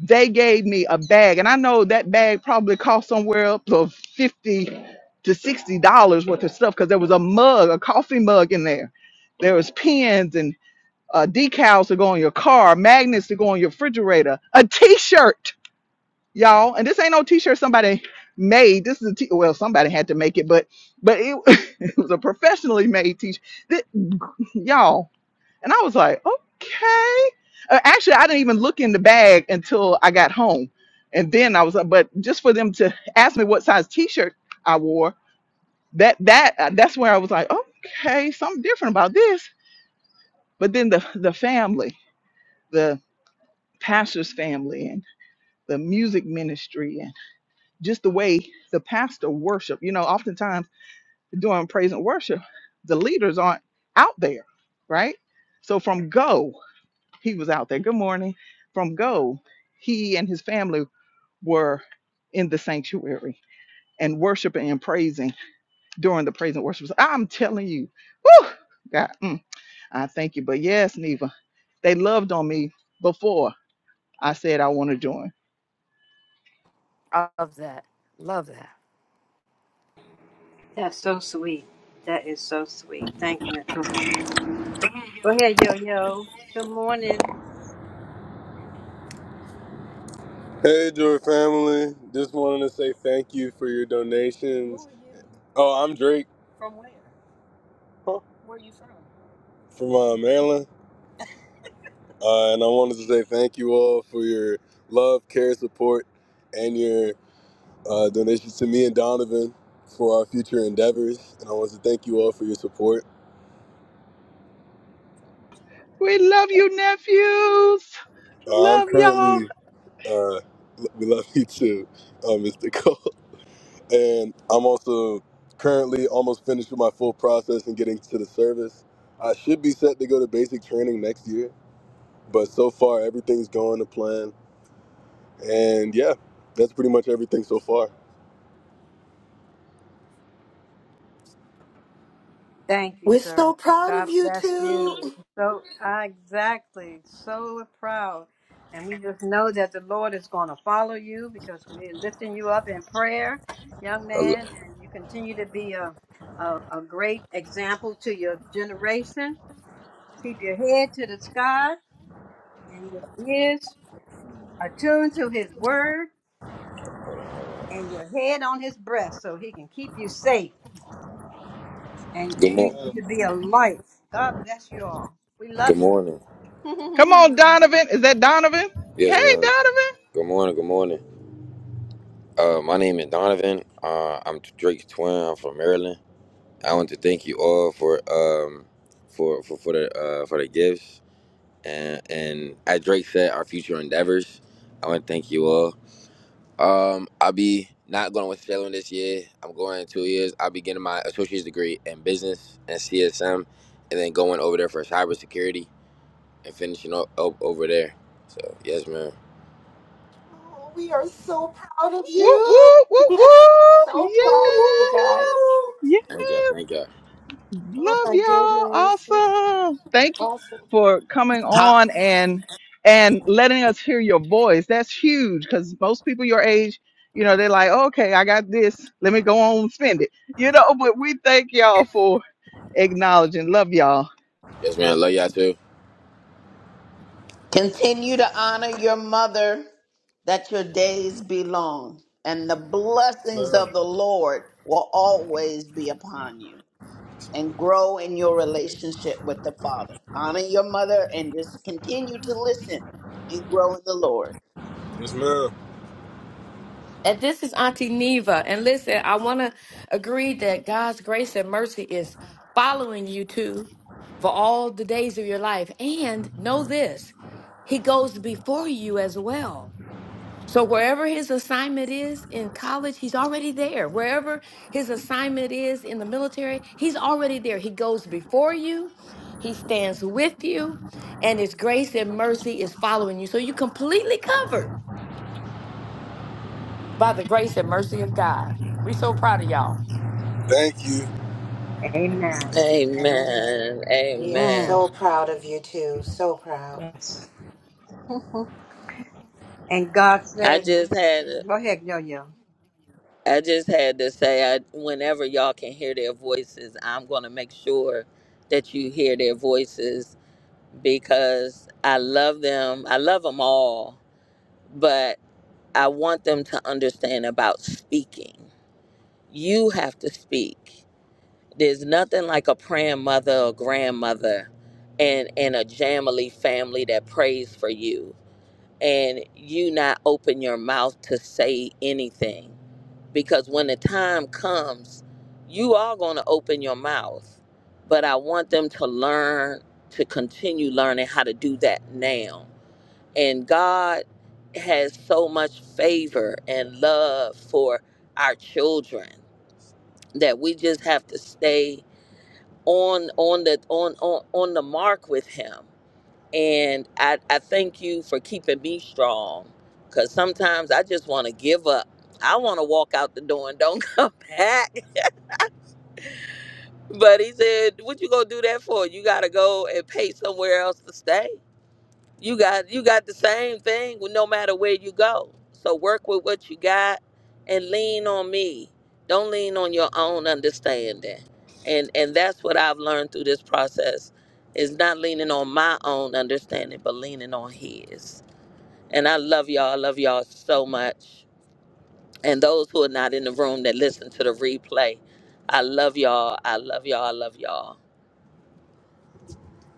[SPEAKER 1] they gave me a bag. And I know that bag probably cost somewhere up to 50 to $60 worth of stuff because there was a mug, a coffee mug in there. There was pens uh, decals to go on your car, magnets to go on your refrigerator, a T-shirt, y'all. And this ain't no T-shirt somebody made. This is a T. Well, somebody had to make it, but but it, it was a professionally made T-shirt, Th- y'all. And I was like, okay. Uh, actually, I didn't even look in the bag until I got home, and then I was like, but just for them to ask me what size T-shirt I wore, that that uh, that's where I was like, okay, something different about this. But then the the family. pastor's family and the music ministry and just the way the pastor worship. You know, oftentimes during praise and worship, the leaders aren't out there, right? So from Go, he was out there. Good morning. From Go, he and his family were in the sanctuary and worshiping and praising during the praise and worship. So I'm telling you, whew, God, mm, I thank you. But yes, Neva, they loved on me before. I said I want to join.
[SPEAKER 10] I love that. Love that.
[SPEAKER 6] That's so sweet. That is so sweet. Thank you, Nicole. Go ahead, Yo Yo. Good morning.
[SPEAKER 5] Hey, Joy family. Just wanted to say thank you for your donations. Oh, I'm Drake. Huh? Where are you from? From uh, Maryland. Uh, and I wanted to say thank you all for your love, care, support, and your uh, donations to me and Donovan for our future endeavors. And I want to thank you all for your support.
[SPEAKER 1] We love you, nephews.
[SPEAKER 5] Uh, I'm
[SPEAKER 1] Love y'all.
[SPEAKER 5] currently, uh, l- we love you too, uh, Mr. Cole. and I'm also currently almost finished with my full process and getting to the service. I should be set to go to basic training next year, but so far everything's going to plan. And yeah, that's pretty much everything so far.
[SPEAKER 6] Thank you,
[SPEAKER 3] We're
[SPEAKER 6] sir.
[SPEAKER 3] so proud of
[SPEAKER 6] God
[SPEAKER 3] you
[SPEAKER 6] bless you.
[SPEAKER 3] too.
[SPEAKER 6] So ah, exactly, so proud. And we just know that the Lord is going to follow you because we're lifting you up in prayer, young
[SPEAKER 5] Hello.
[SPEAKER 6] man, and you continue to be a, a, a great example to your generation. Keep your head to the sky and your ears attuned to his word and your head on his breast so he can keep you safe and
[SPEAKER 5] Good
[SPEAKER 6] you,
[SPEAKER 5] morning.
[SPEAKER 6] you to be a light. God bless you all. We
[SPEAKER 5] Good
[SPEAKER 6] love you.
[SPEAKER 5] morning.
[SPEAKER 1] Come on,
[SPEAKER 6] Amen.
[SPEAKER 1] Donovan. Is that Donovan? Hey,
[SPEAKER 5] Yes, ma'am.
[SPEAKER 1] Donovan.
[SPEAKER 5] Good morning. Good morning. Uh, my name is Donovan. Uh, I'm Drake's twin. I'm from Maryland. I want to thank you all for um for for, for the uh, for the gifts and and as Drake said, our future endeavors. I want to thank you all. Um, I'll be not going with Salem this year. I'm going in two years. I'll be getting my associate's degree in business and CSM, and then going over there for cybersecurity and finishing up, up over there. So yes, man.
[SPEAKER 3] Oh, we are so proud of
[SPEAKER 1] Whoop,
[SPEAKER 3] you.
[SPEAKER 1] whoop, whoop, whoop.
[SPEAKER 3] so proud of you guys.
[SPEAKER 1] Yes.
[SPEAKER 5] Thank y'all.
[SPEAKER 1] Yes.
[SPEAKER 5] Thank y'all.
[SPEAKER 3] Oh
[SPEAKER 1] Love
[SPEAKER 3] my
[SPEAKER 1] y'all.
[SPEAKER 3] goodness.
[SPEAKER 1] Awesome. Thank you
[SPEAKER 3] Awesome.
[SPEAKER 1] for coming
[SPEAKER 11] Ha-
[SPEAKER 1] on and and letting us hear your voice. That's huge because most people your age, you know, they're like, okay, I got this. Let me go on and spend it. You know, but we thank y'all for acknowledging. Love y'all.
[SPEAKER 5] Yes, man. Love y'all too.
[SPEAKER 11] Continue to honor your mother, that your days be long, and the blessings of
[SPEAKER 5] Ma'am.
[SPEAKER 11] the Lord will always be upon you. And grow in your relationship with the Father. Honor your mother and just continue to listen and grow in the Lord.
[SPEAKER 5] Yes, ma'am.
[SPEAKER 10] And this is Auntie Neva. And listen, I want to agree that God's grace and mercy is following you too for all the days of your life. And know this, He goes before you as well. So wherever his assignment is in college, he's already there. Wherever his assignment is in the military, he's already there. He goes before you, he stands with you, and his grace and mercy is following you. So you're completely covered by the grace and mercy of God. We're so proud of y'all.
[SPEAKER 5] Thank you.
[SPEAKER 6] And,
[SPEAKER 5] Amen.
[SPEAKER 3] We are
[SPEAKER 6] mm,
[SPEAKER 5] Amen.
[SPEAKER 3] so proud of you too. So proud.
[SPEAKER 6] yes. And God
[SPEAKER 5] I
[SPEAKER 6] says,
[SPEAKER 5] just had
[SPEAKER 6] go ahead, Yo Yo.
[SPEAKER 5] I just had to say I whenever y'all can hear their voices, I'm going to make sure that you hear their voices because I love them. I love them all, but I want them to understand about speaking. You have to speak. There's nothing like a praying mother or grandmother and, and a Jamily family that prays for you and you not open your mouth to say anything because when the time comes, you are going to open your mouth. But I want them to learn to continue learning how to do that now and God has so much favor and love for our children that we just have to stay on on the on on, on the mark with him and I, I thank you for keeping me strong because sometimes I just want to give up. I want to walk out the door and don't come back. But he said, What you gonna do that for? You gotta go and pay somewhere else to stay. you got you got the same thing with no matter where you go so work with what you got and lean on me don't lean on your own understanding and and that's what i've learned through this process is not leaning on my own understanding but leaning on his and i love y'all i love y'all so much and those who are not in the room that listen to the replay i love y'all i love y'all i love y'all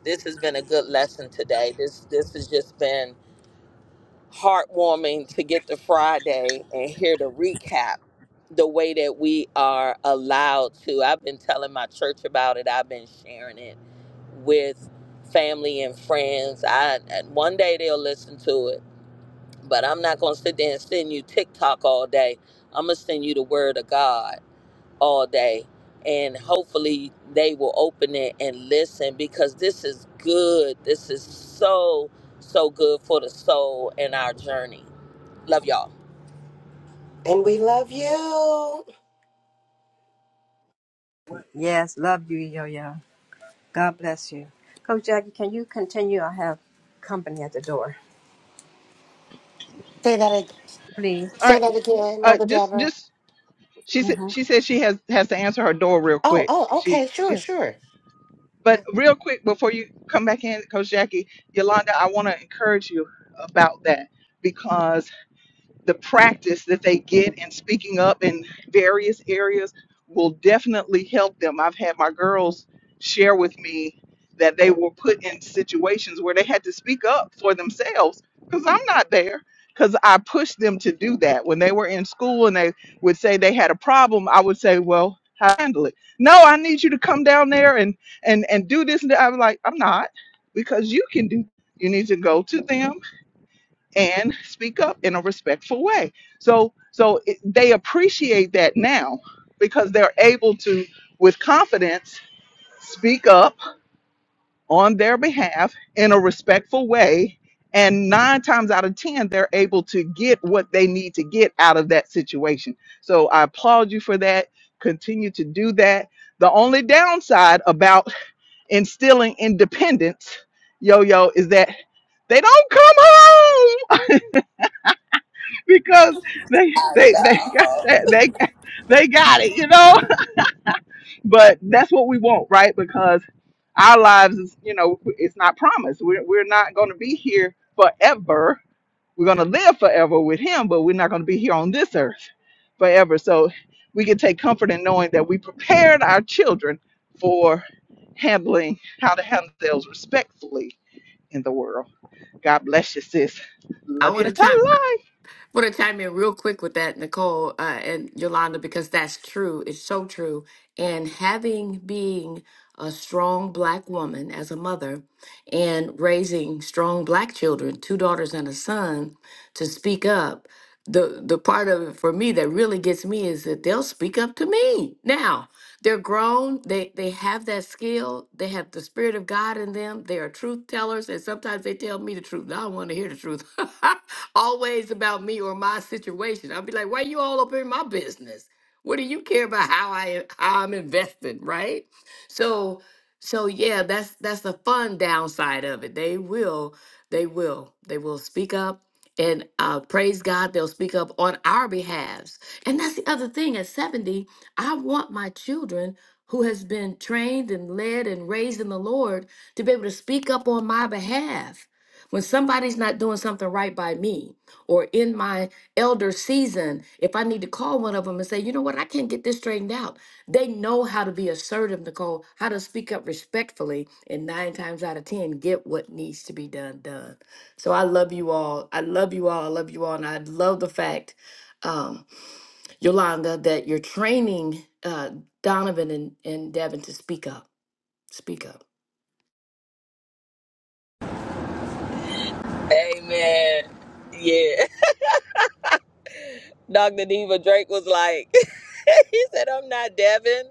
[SPEAKER 5] this has been a good lesson today this this has just been heartwarming to get to Friday and hear the recap the way that we are allowed to. I've been telling my church about it, I've been sharing it with family and friends. I and one day they'll listen to it, but I'm not going to sit there and send you TikTok all day. I'm going to send you the word of God all day. And hopefully they will open it and listen because this is good. This is so so good for the soul and our journey. Love y'all.
[SPEAKER 3] And we love you.
[SPEAKER 6] Yes, love you, Yo Yo. God bless you. Coach Jackie, can you continue? I have company at the door. Please.
[SPEAKER 1] All right. Uh just just she said
[SPEAKER 6] hmm
[SPEAKER 1] she said she has has to answer her door real
[SPEAKER 3] Oh,
[SPEAKER 1] quick.
[SPEAKER 3] oh,
[SPEAKER 1] She
[SPEAKER 3] okay, sure,
[SPEAKER 1] she has
[SPEAKER 3] sure.
[SPEAKER 1] but real quick before you come back in, Coach Jackie, Yolanda, I want to encourage you about that because the practice that they get in speaking up in various areas will definitely help them. I've had my girls share with me that they were put in situations where they had to speak up for themselves because I'm not there. Because I pushed them to do that. When they were in school and they would say they had a problem, I would say, Well, how to handle it? No, I need you to come down there and and and do this and that. I was like, I'm not, because you can do you need to go to them and speak up in a respectful way. So so it, they appreciate that now because they're able to with confidence speak up on their behalf in a respectful way and 9 times out of 10 they're able to get what they need to get out of that situation. So I applaud you for that. Continue to do that. The only downside about instilling independence yo yo is that they don't come home because they they they got that they got- they got it, you know. But that's what we want, right? Because our lives is you know it's not promised. We're we're not going to be here forever. We're going to live forever with Him, but we're not going to be here on this earth forever. So we can take comfort in knowing that we prepared our children for handling how to handle themselves respectfully in the world. God bless you, sis.
[SPEAKER 10] I
[SPEAKER 1] Love
[SPEAKER 10] want
[SPEAKER 1] you
[SPEAKER 10] to chime.
[SPEAKER 1] to life.
[SPEAKER 10] want to chime in real quick with that, Nicole uh, and Yolanda, because that's true. It's so true. And having being a strong black woman as a mother and raising strong black children, two daughters and a son, to speak up the the part of it for me that really gets me is that they'll speak up to me now they're grown they they have that skill they have the spirit of god in them they are truth tellers and sometimes they tell me the truth i don't want to hear the truth always about me or my situation i'll be like why you all up in my business what do you care about how i how i'm invested right so so yeah that's that's the fun downside of it they will they will they will speak up and uh, praise God, they'll speak up on our behalves. And that's the other thing. At 70, I want my children who has been trained and led and raised in the Lord to be able to speak up on my behalf. When somebody's not doing something right by me or in my elder season, if I need to call one of them and say, you know what, I can't get this straightened out. They know how to be assertive, Nicole, how to speak up respectfully, and nine times out of 10, get what needs to be done done. So I love you all. I love you all. I love you all. And I love the fact, um, Yolanda, that you're training uh, Donovan and, and Devin to speak up. Speak up.
[SPEAKER 5] Amen. Yeah. Dr. Diva Drake was like, he said, I'm not Devin.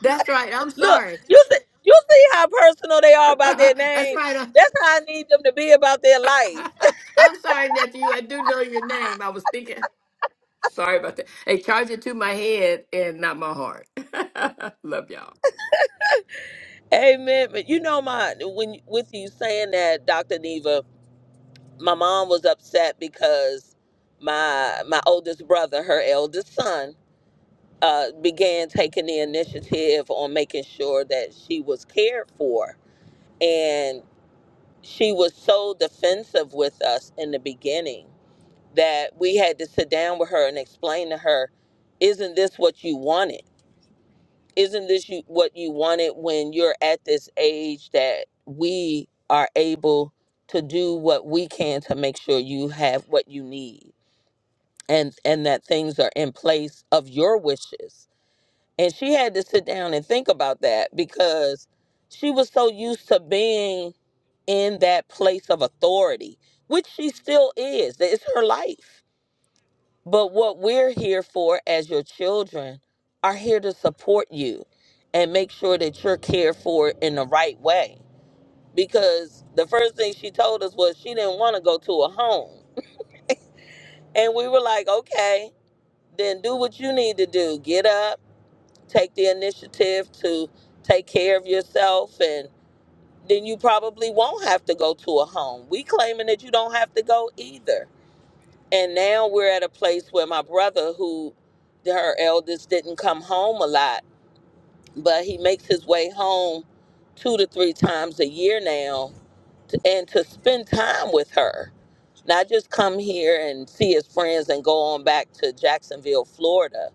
[SPEAKER 10] That's right. I'm
[SPEAKER 5] Look,
[SPEAKER 10] sorry.
[SPEAKER 5] you see, you see how personal they are about their
[SPEAKER 10] That's
[SPEAKER 5] name?
[SPEAKER 10] right.
[SPEAKER 5] That's how I need them to be about their
[SPEAKER 10] I'm,
[SPEAKER 5] life.
[SPEAKER 10] I'm sorry, nephew. I do know your name. I was thinking. Sorry about that. Hey, charge it to my head and not my heart. love y'all.
[SPEAKER 5] Amen. But you know my when with you saying that, Dr. Neva, my mom was upset because my my oldest brother, her eldest son, uh, began taking the initiative on making sure that she was cared for. and. she was so defensive with us in the beginning that we had to sit down with her and explain to her, isn't this what you wanted? Isn't this you, what you wanted when you're at this age that we are able to do what we can to make sure you have what you need and and that things are in place of your wishes and she had to sit down and think about that because she was so used to being in that place of authority, which she still is. That It's her life. But what we're here for as your children are here to support you and make sure that you're cared for in the right way. Because the first thing she told us was she didn't want to go to a home. And we were like, okay, then do what you need to do. Get up, take the initiative to take care of yourself and then you probably won't have to go to a home. We claiming that you don't have to go either. And now we're at a place where my brother who her eldest didn't come home a lot, but he makes his way home two to three times a year now to, and to spend time with her. Not just come here and see his friends and go on back to Jacksonville, Florida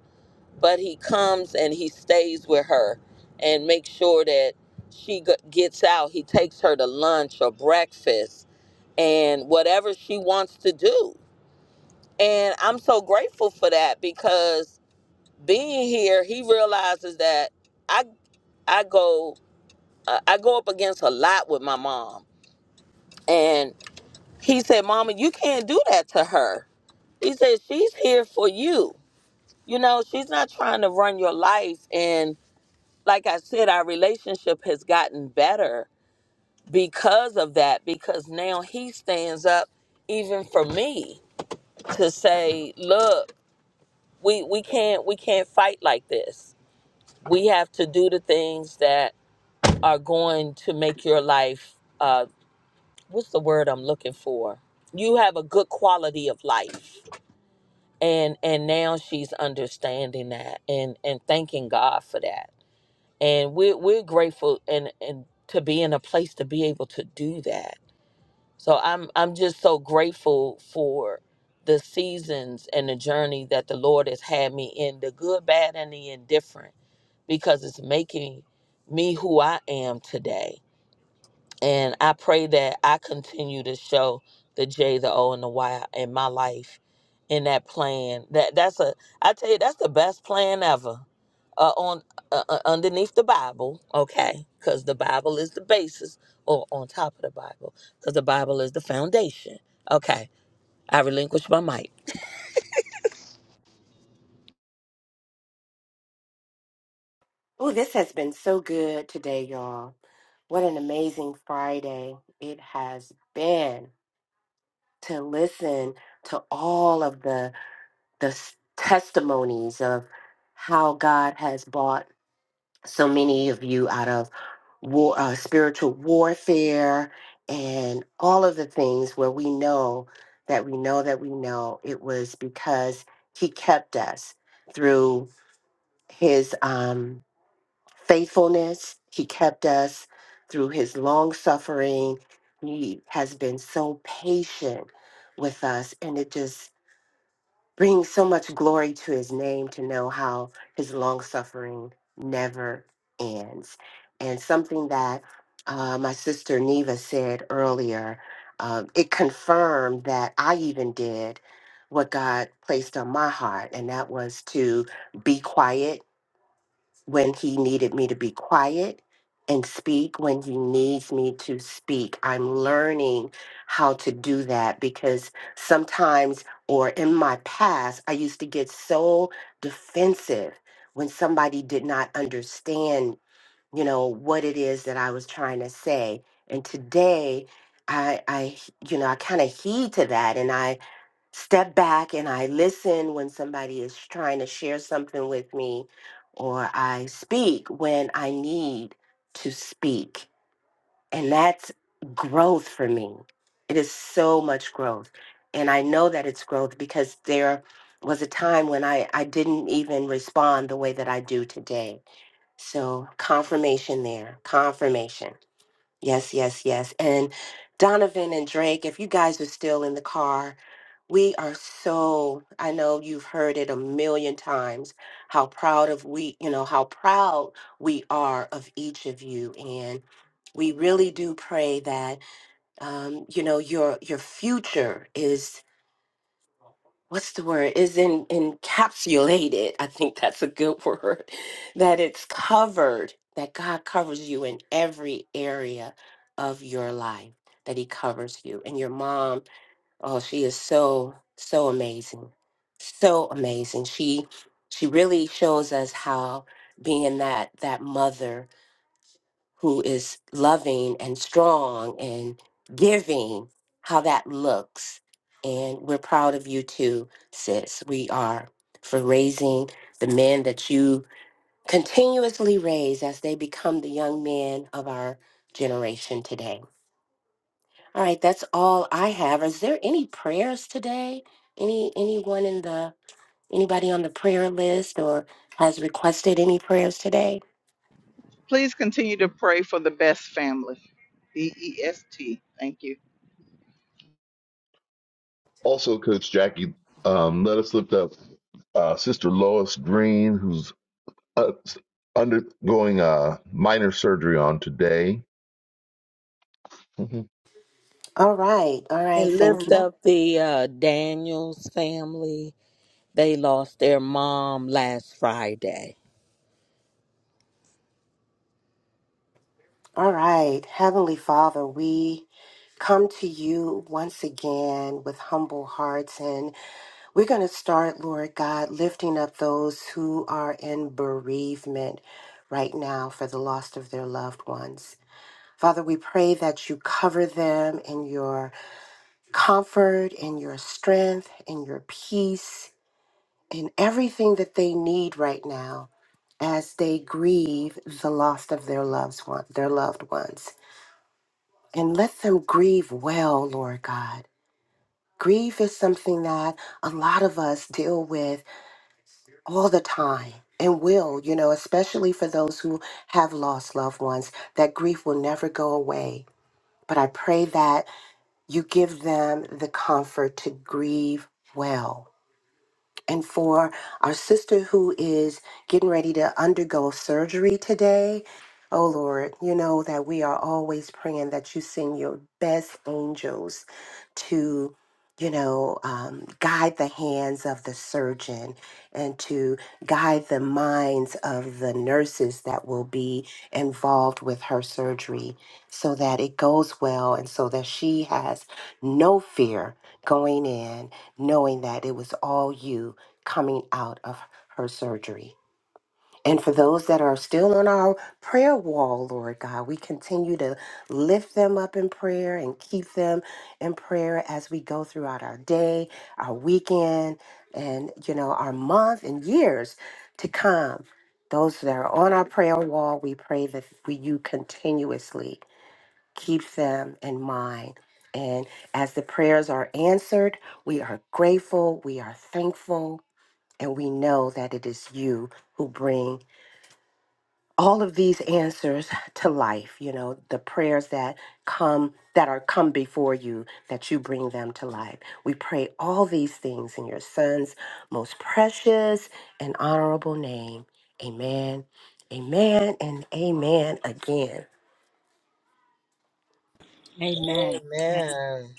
[SPEAKER 5] but he comes and he stays with her and makes sure that she g- gets out. He takes her to lunch or breakfast and whatever she wants to do. And I'm so grateful for that because being here, he realizes that I I go uh, I go up against a lot with my mom. And he said, "Mama, you can't do that to her." He said, "She's here for you. You know, she's not trying to run your life and." like I said, our relationship has gotten better because of that, because now he stands up even for me to say, look, we, we can't we can't fight like this. We have to do the things that are going to make your life uh, what's the word I'm looking for? You have a good quality of life. And and now she's understanding that and, and thanking God for that and we're we're grateful and and to be in a place to be able to do that. So I'm I'm just so grateful for the seasons and the journey that the Lord has had me in, the good, bad, and the indifferent, because it's making me who I am today. And I pray that I continue to show the J, the O, and the Y in my life in that plan. That that's a I tell you that's the best plan ever. Uh, on uh, uh, underneath the Bible, okay, because the Bible is the basis, or on top of the Bible, because the Bible is the foundation. Okay, I relinquish my mic
[SPEAKER 3] Oh, this has been so good today, y'all. What an amazing Friday it has been to listen to all of the the s- testimonies of how God has brought so many of you out of war, uh, spiritual warfare and all of the things where we know that we know that we know it was because he kept us through his um faithfulness. He kept us through his long suffering. He has been so patient with us, and it just brings so much glory to his name to know how his long suffering never ends. And something that uh, my sister Neva said earlier, um, it confirmed that I even did what God placed on my heart, and that was to be quiet when he needed me to be quiet and speak when he needs me to speak. I'm learning how to do that because sometimes, or in my past, I used to get so defensive when somebody did not understand, you know, what it is that I was trying to say. And today, I, I, you know, I kind of heed to that, and I step back and I listen when somebody is trying to share something with me, or I speak when I need to speak. And that's growth for me. It is so much growth. And I know that it's growth because there was a time when I, I didn't even respond the way that I do today. So, confirmation there, confirmation. Yes, yes, yes. And Donovan and Drake, if you guys are still in the car, we are so, I know you've heard it a million times, how proud of we, you know, how proud we are of each of you. And we really do pray that, um, you know, your your future is what's the word is in encapsulated i think that's a good word that it's covered that god covers you in every area of your life that he covers you and your mom oh she is so so amazing so amazing she she really shows us how being that that mother who is loving and strong and giving, how that looks. And we're proud of you too, sis. We are for raising the men that you continuously raise as they become the young men of our generation today. All right, that's all I have. Is there any prayers today? Any anyone in the Anybody on the prayer list or has requested any prayers today?
[SPEAKER 1] Please continue to pray for the best family. B E S T. Thank you.
[SPEAKER 8] Also, Coach Jackie, um, let us lift up uh, Sister Lois Green, who's uh, undergoing uh, minor surgery on today. Mhm.
[SPEAKER 3] All right. All right.
[SPEAKER 5] and
[SPEAKER 3] Thank
[SPEAKER 5] lift
[SPEAKER 3] you. Mhm.
[SPEAKER 5] up the uh, Daniels family. They lost their mom last Friday.
[SPEAKER 3] All right. Heavenly Father, we come to you once again with humble hearts. And we're going to start, Lord God, lifting up those who are in bereavement right now for the loss of their loved ones. Father, we pray that you cover them in your comfort, in your strength, in your peace, in everything that they need right now as they grieve the loss of their loved one, their loved ones. And let them grieve well, Lord God. Grief is something that a lot of us deal with all the time and will, you know, especially for those who have lost loved ones, that grief will never go away. But I pray that You give them the comfort to grieve well and for our sister who is getting ready to undergo surgery today. Oh Lord, you know that we are always praying that you send your best angels to, you know, um, guide the hands of the surgeon and to guide the minds of the nurses that will be involved with her surgery so that it goes well and so that she has no fear going in knowing that it was all you coming out of her surgery. And for those that are still on our prayer wall, Lord God, we continue to lift them up in prayer and keep them in prayer as we go throughout our day, our weekend, and you know, our month and years to come. Those that are on our prayer wall, we pray that we, you continuously keep them in mind. And as the prayers are answered, we are grateful, we are thankful, and we know that it is you who bring all of these answers to life, you know, the prayers that come that are come before you that you bring them to life. We pray all these things in your son's most precious and honorable name. Amen. Amen and amen again.
[SPEAKER 6] Amen. Amen.
[SPEAKER 5] Amen.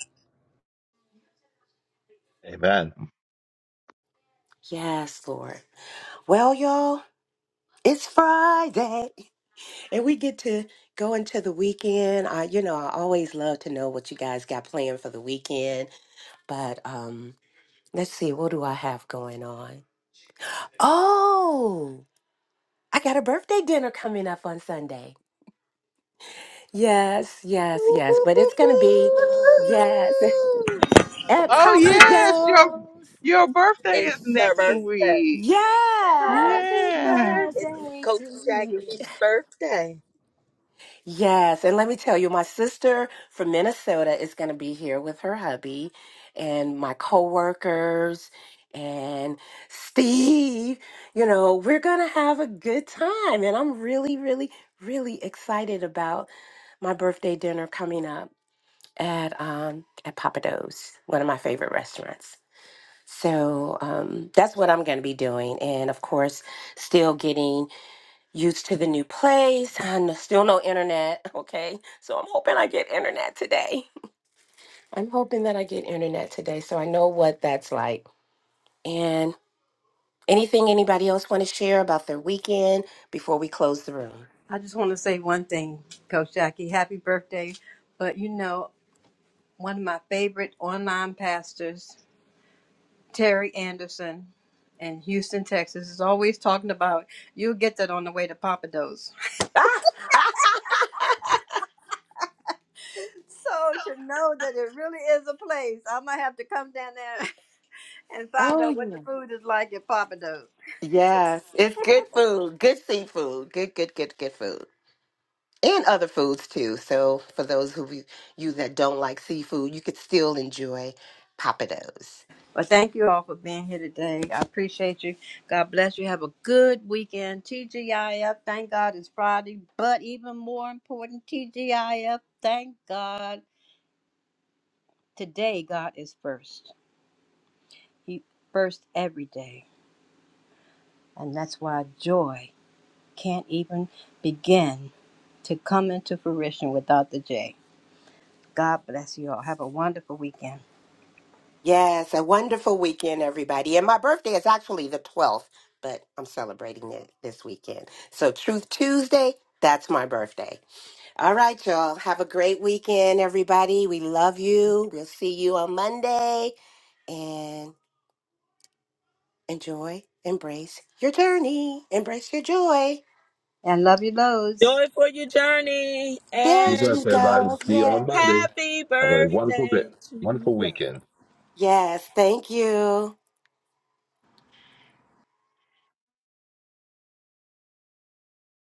[SPEAKER 8] Amen.
[SPEAKER 3] Yes, Lord. Well, y'all, it's Friday. And we get to go into the weekend. I, you know, I always love to know what you guys got planned for the weekend. But um, let's see, what do I have going on? Oh, I got a birthday dinner coming up on Sunday. Yes,
[SPEAKER 5] Woo!
[SPEAKER 3] yes, yes. But it's gonna be yes at
[SPEAKER 1] Oh
[SPEAKER 3] Papa
[SPEAKER 1] yes, your
[SPEAKER 3] Do's.
[SPEAKER 1] your birthday is
[SPEAKER 5] It's her
[SPEAKER 1] next
[SPEAKER 5] birthday.
[SPEAKER 1] week.
[SPEAKER 3] Yes,
[SPEAKER 6] Happy
[SPEAKER 1] Yeah.
[SPEAKER 3] yes.
[SPEAKER 5] It's
[SPEAKER 6] birthday to
[SPEAKER 5] Coach
[SPEAKER 6] you.
[SPEAKER 5] Jackie's birthday.
[SPEAKER 3] Yes, and let me tell you, my sister from Minnesota is going to be here with her hubby and my coworkers and Steve. You know, we're going to have a good time, and I'm really, really, really excited about my birthday dinner coming up at um at Papa Do's, one of my favorite restaurants. So um, that's what I'm going to be doing, and of course, still getting used to the new place and still no internet. Okay. So I'm hoping I get internet today. I'm hoping that I get internet today so I know what that's like. And anything anybody else want to share about their weekend before we close the room?
[SPEAKER 6] I just want to say one thing, Coach Jackie. Happy birthday. But you know, one of my favorite online pastors. Terry Anderson in Houston, Texas, is always talking about you'll get that on the way to Papados.
[SPEAKER 3] Ah!
[SPEAKER 6] so to know that it really is a place, I might have to come down there and find
[SPEAKER 3] oh,
[SPEAKER 6] out what the
[SPEAKER 3] yeah.
[SPEAKER 6] food is like at Papados.
[SPEAKER 3] Yes. It's good food, good seafood, good, good, good, good food. And other foods too. So for those of you you that don't like seafood, you could still enjoy papados.
[SPEAKER 6] But thank you all for being here today. I appreciate you. God bless you. Have a good weekend. TGIF, thank God it's Friday. But even more important, TGIF, thank God today God is first. He first every day. And that's why joy can't even begin to come into fruition without the J. God bless you all. Have a wonderful weekend.
[SPEAKER 3] Yes, a wonderful weekend, everybody. And my birthday is actually the 12th, but I'm celebrating it this weekend. So, Truth Tuesday, that's my birthday. All right, y'all. Have a great weekend, everybody. We love you. We'll see you on Monday. And enjoy, embrace your journey, embrace your joy.
[SPEAKER 6] And love you loads.
[SPEAKER 5] Joy for your journey
[SPEAKER 3] There
[SPEAKER 8] Be
[SPEAKER 5] and
[SPEAKER 3] she
[SPEAKER 8] blessed as I will
[SPEAKER 3] goes.
[SPEAKER 8] see you on
[SPEAKER 3] Yes.
[SPEAKER 8] Monday.
[SPEAKER 5] happy
[SPEAKER 8] Have a wonderful day,
[SPEAKER 5] birthday to
[SPEAKER 8] wonderful
[SPEAKER 5] you.
[SPEAKER 8] weekend.
[SPEAKER 3] Yes. Thank you.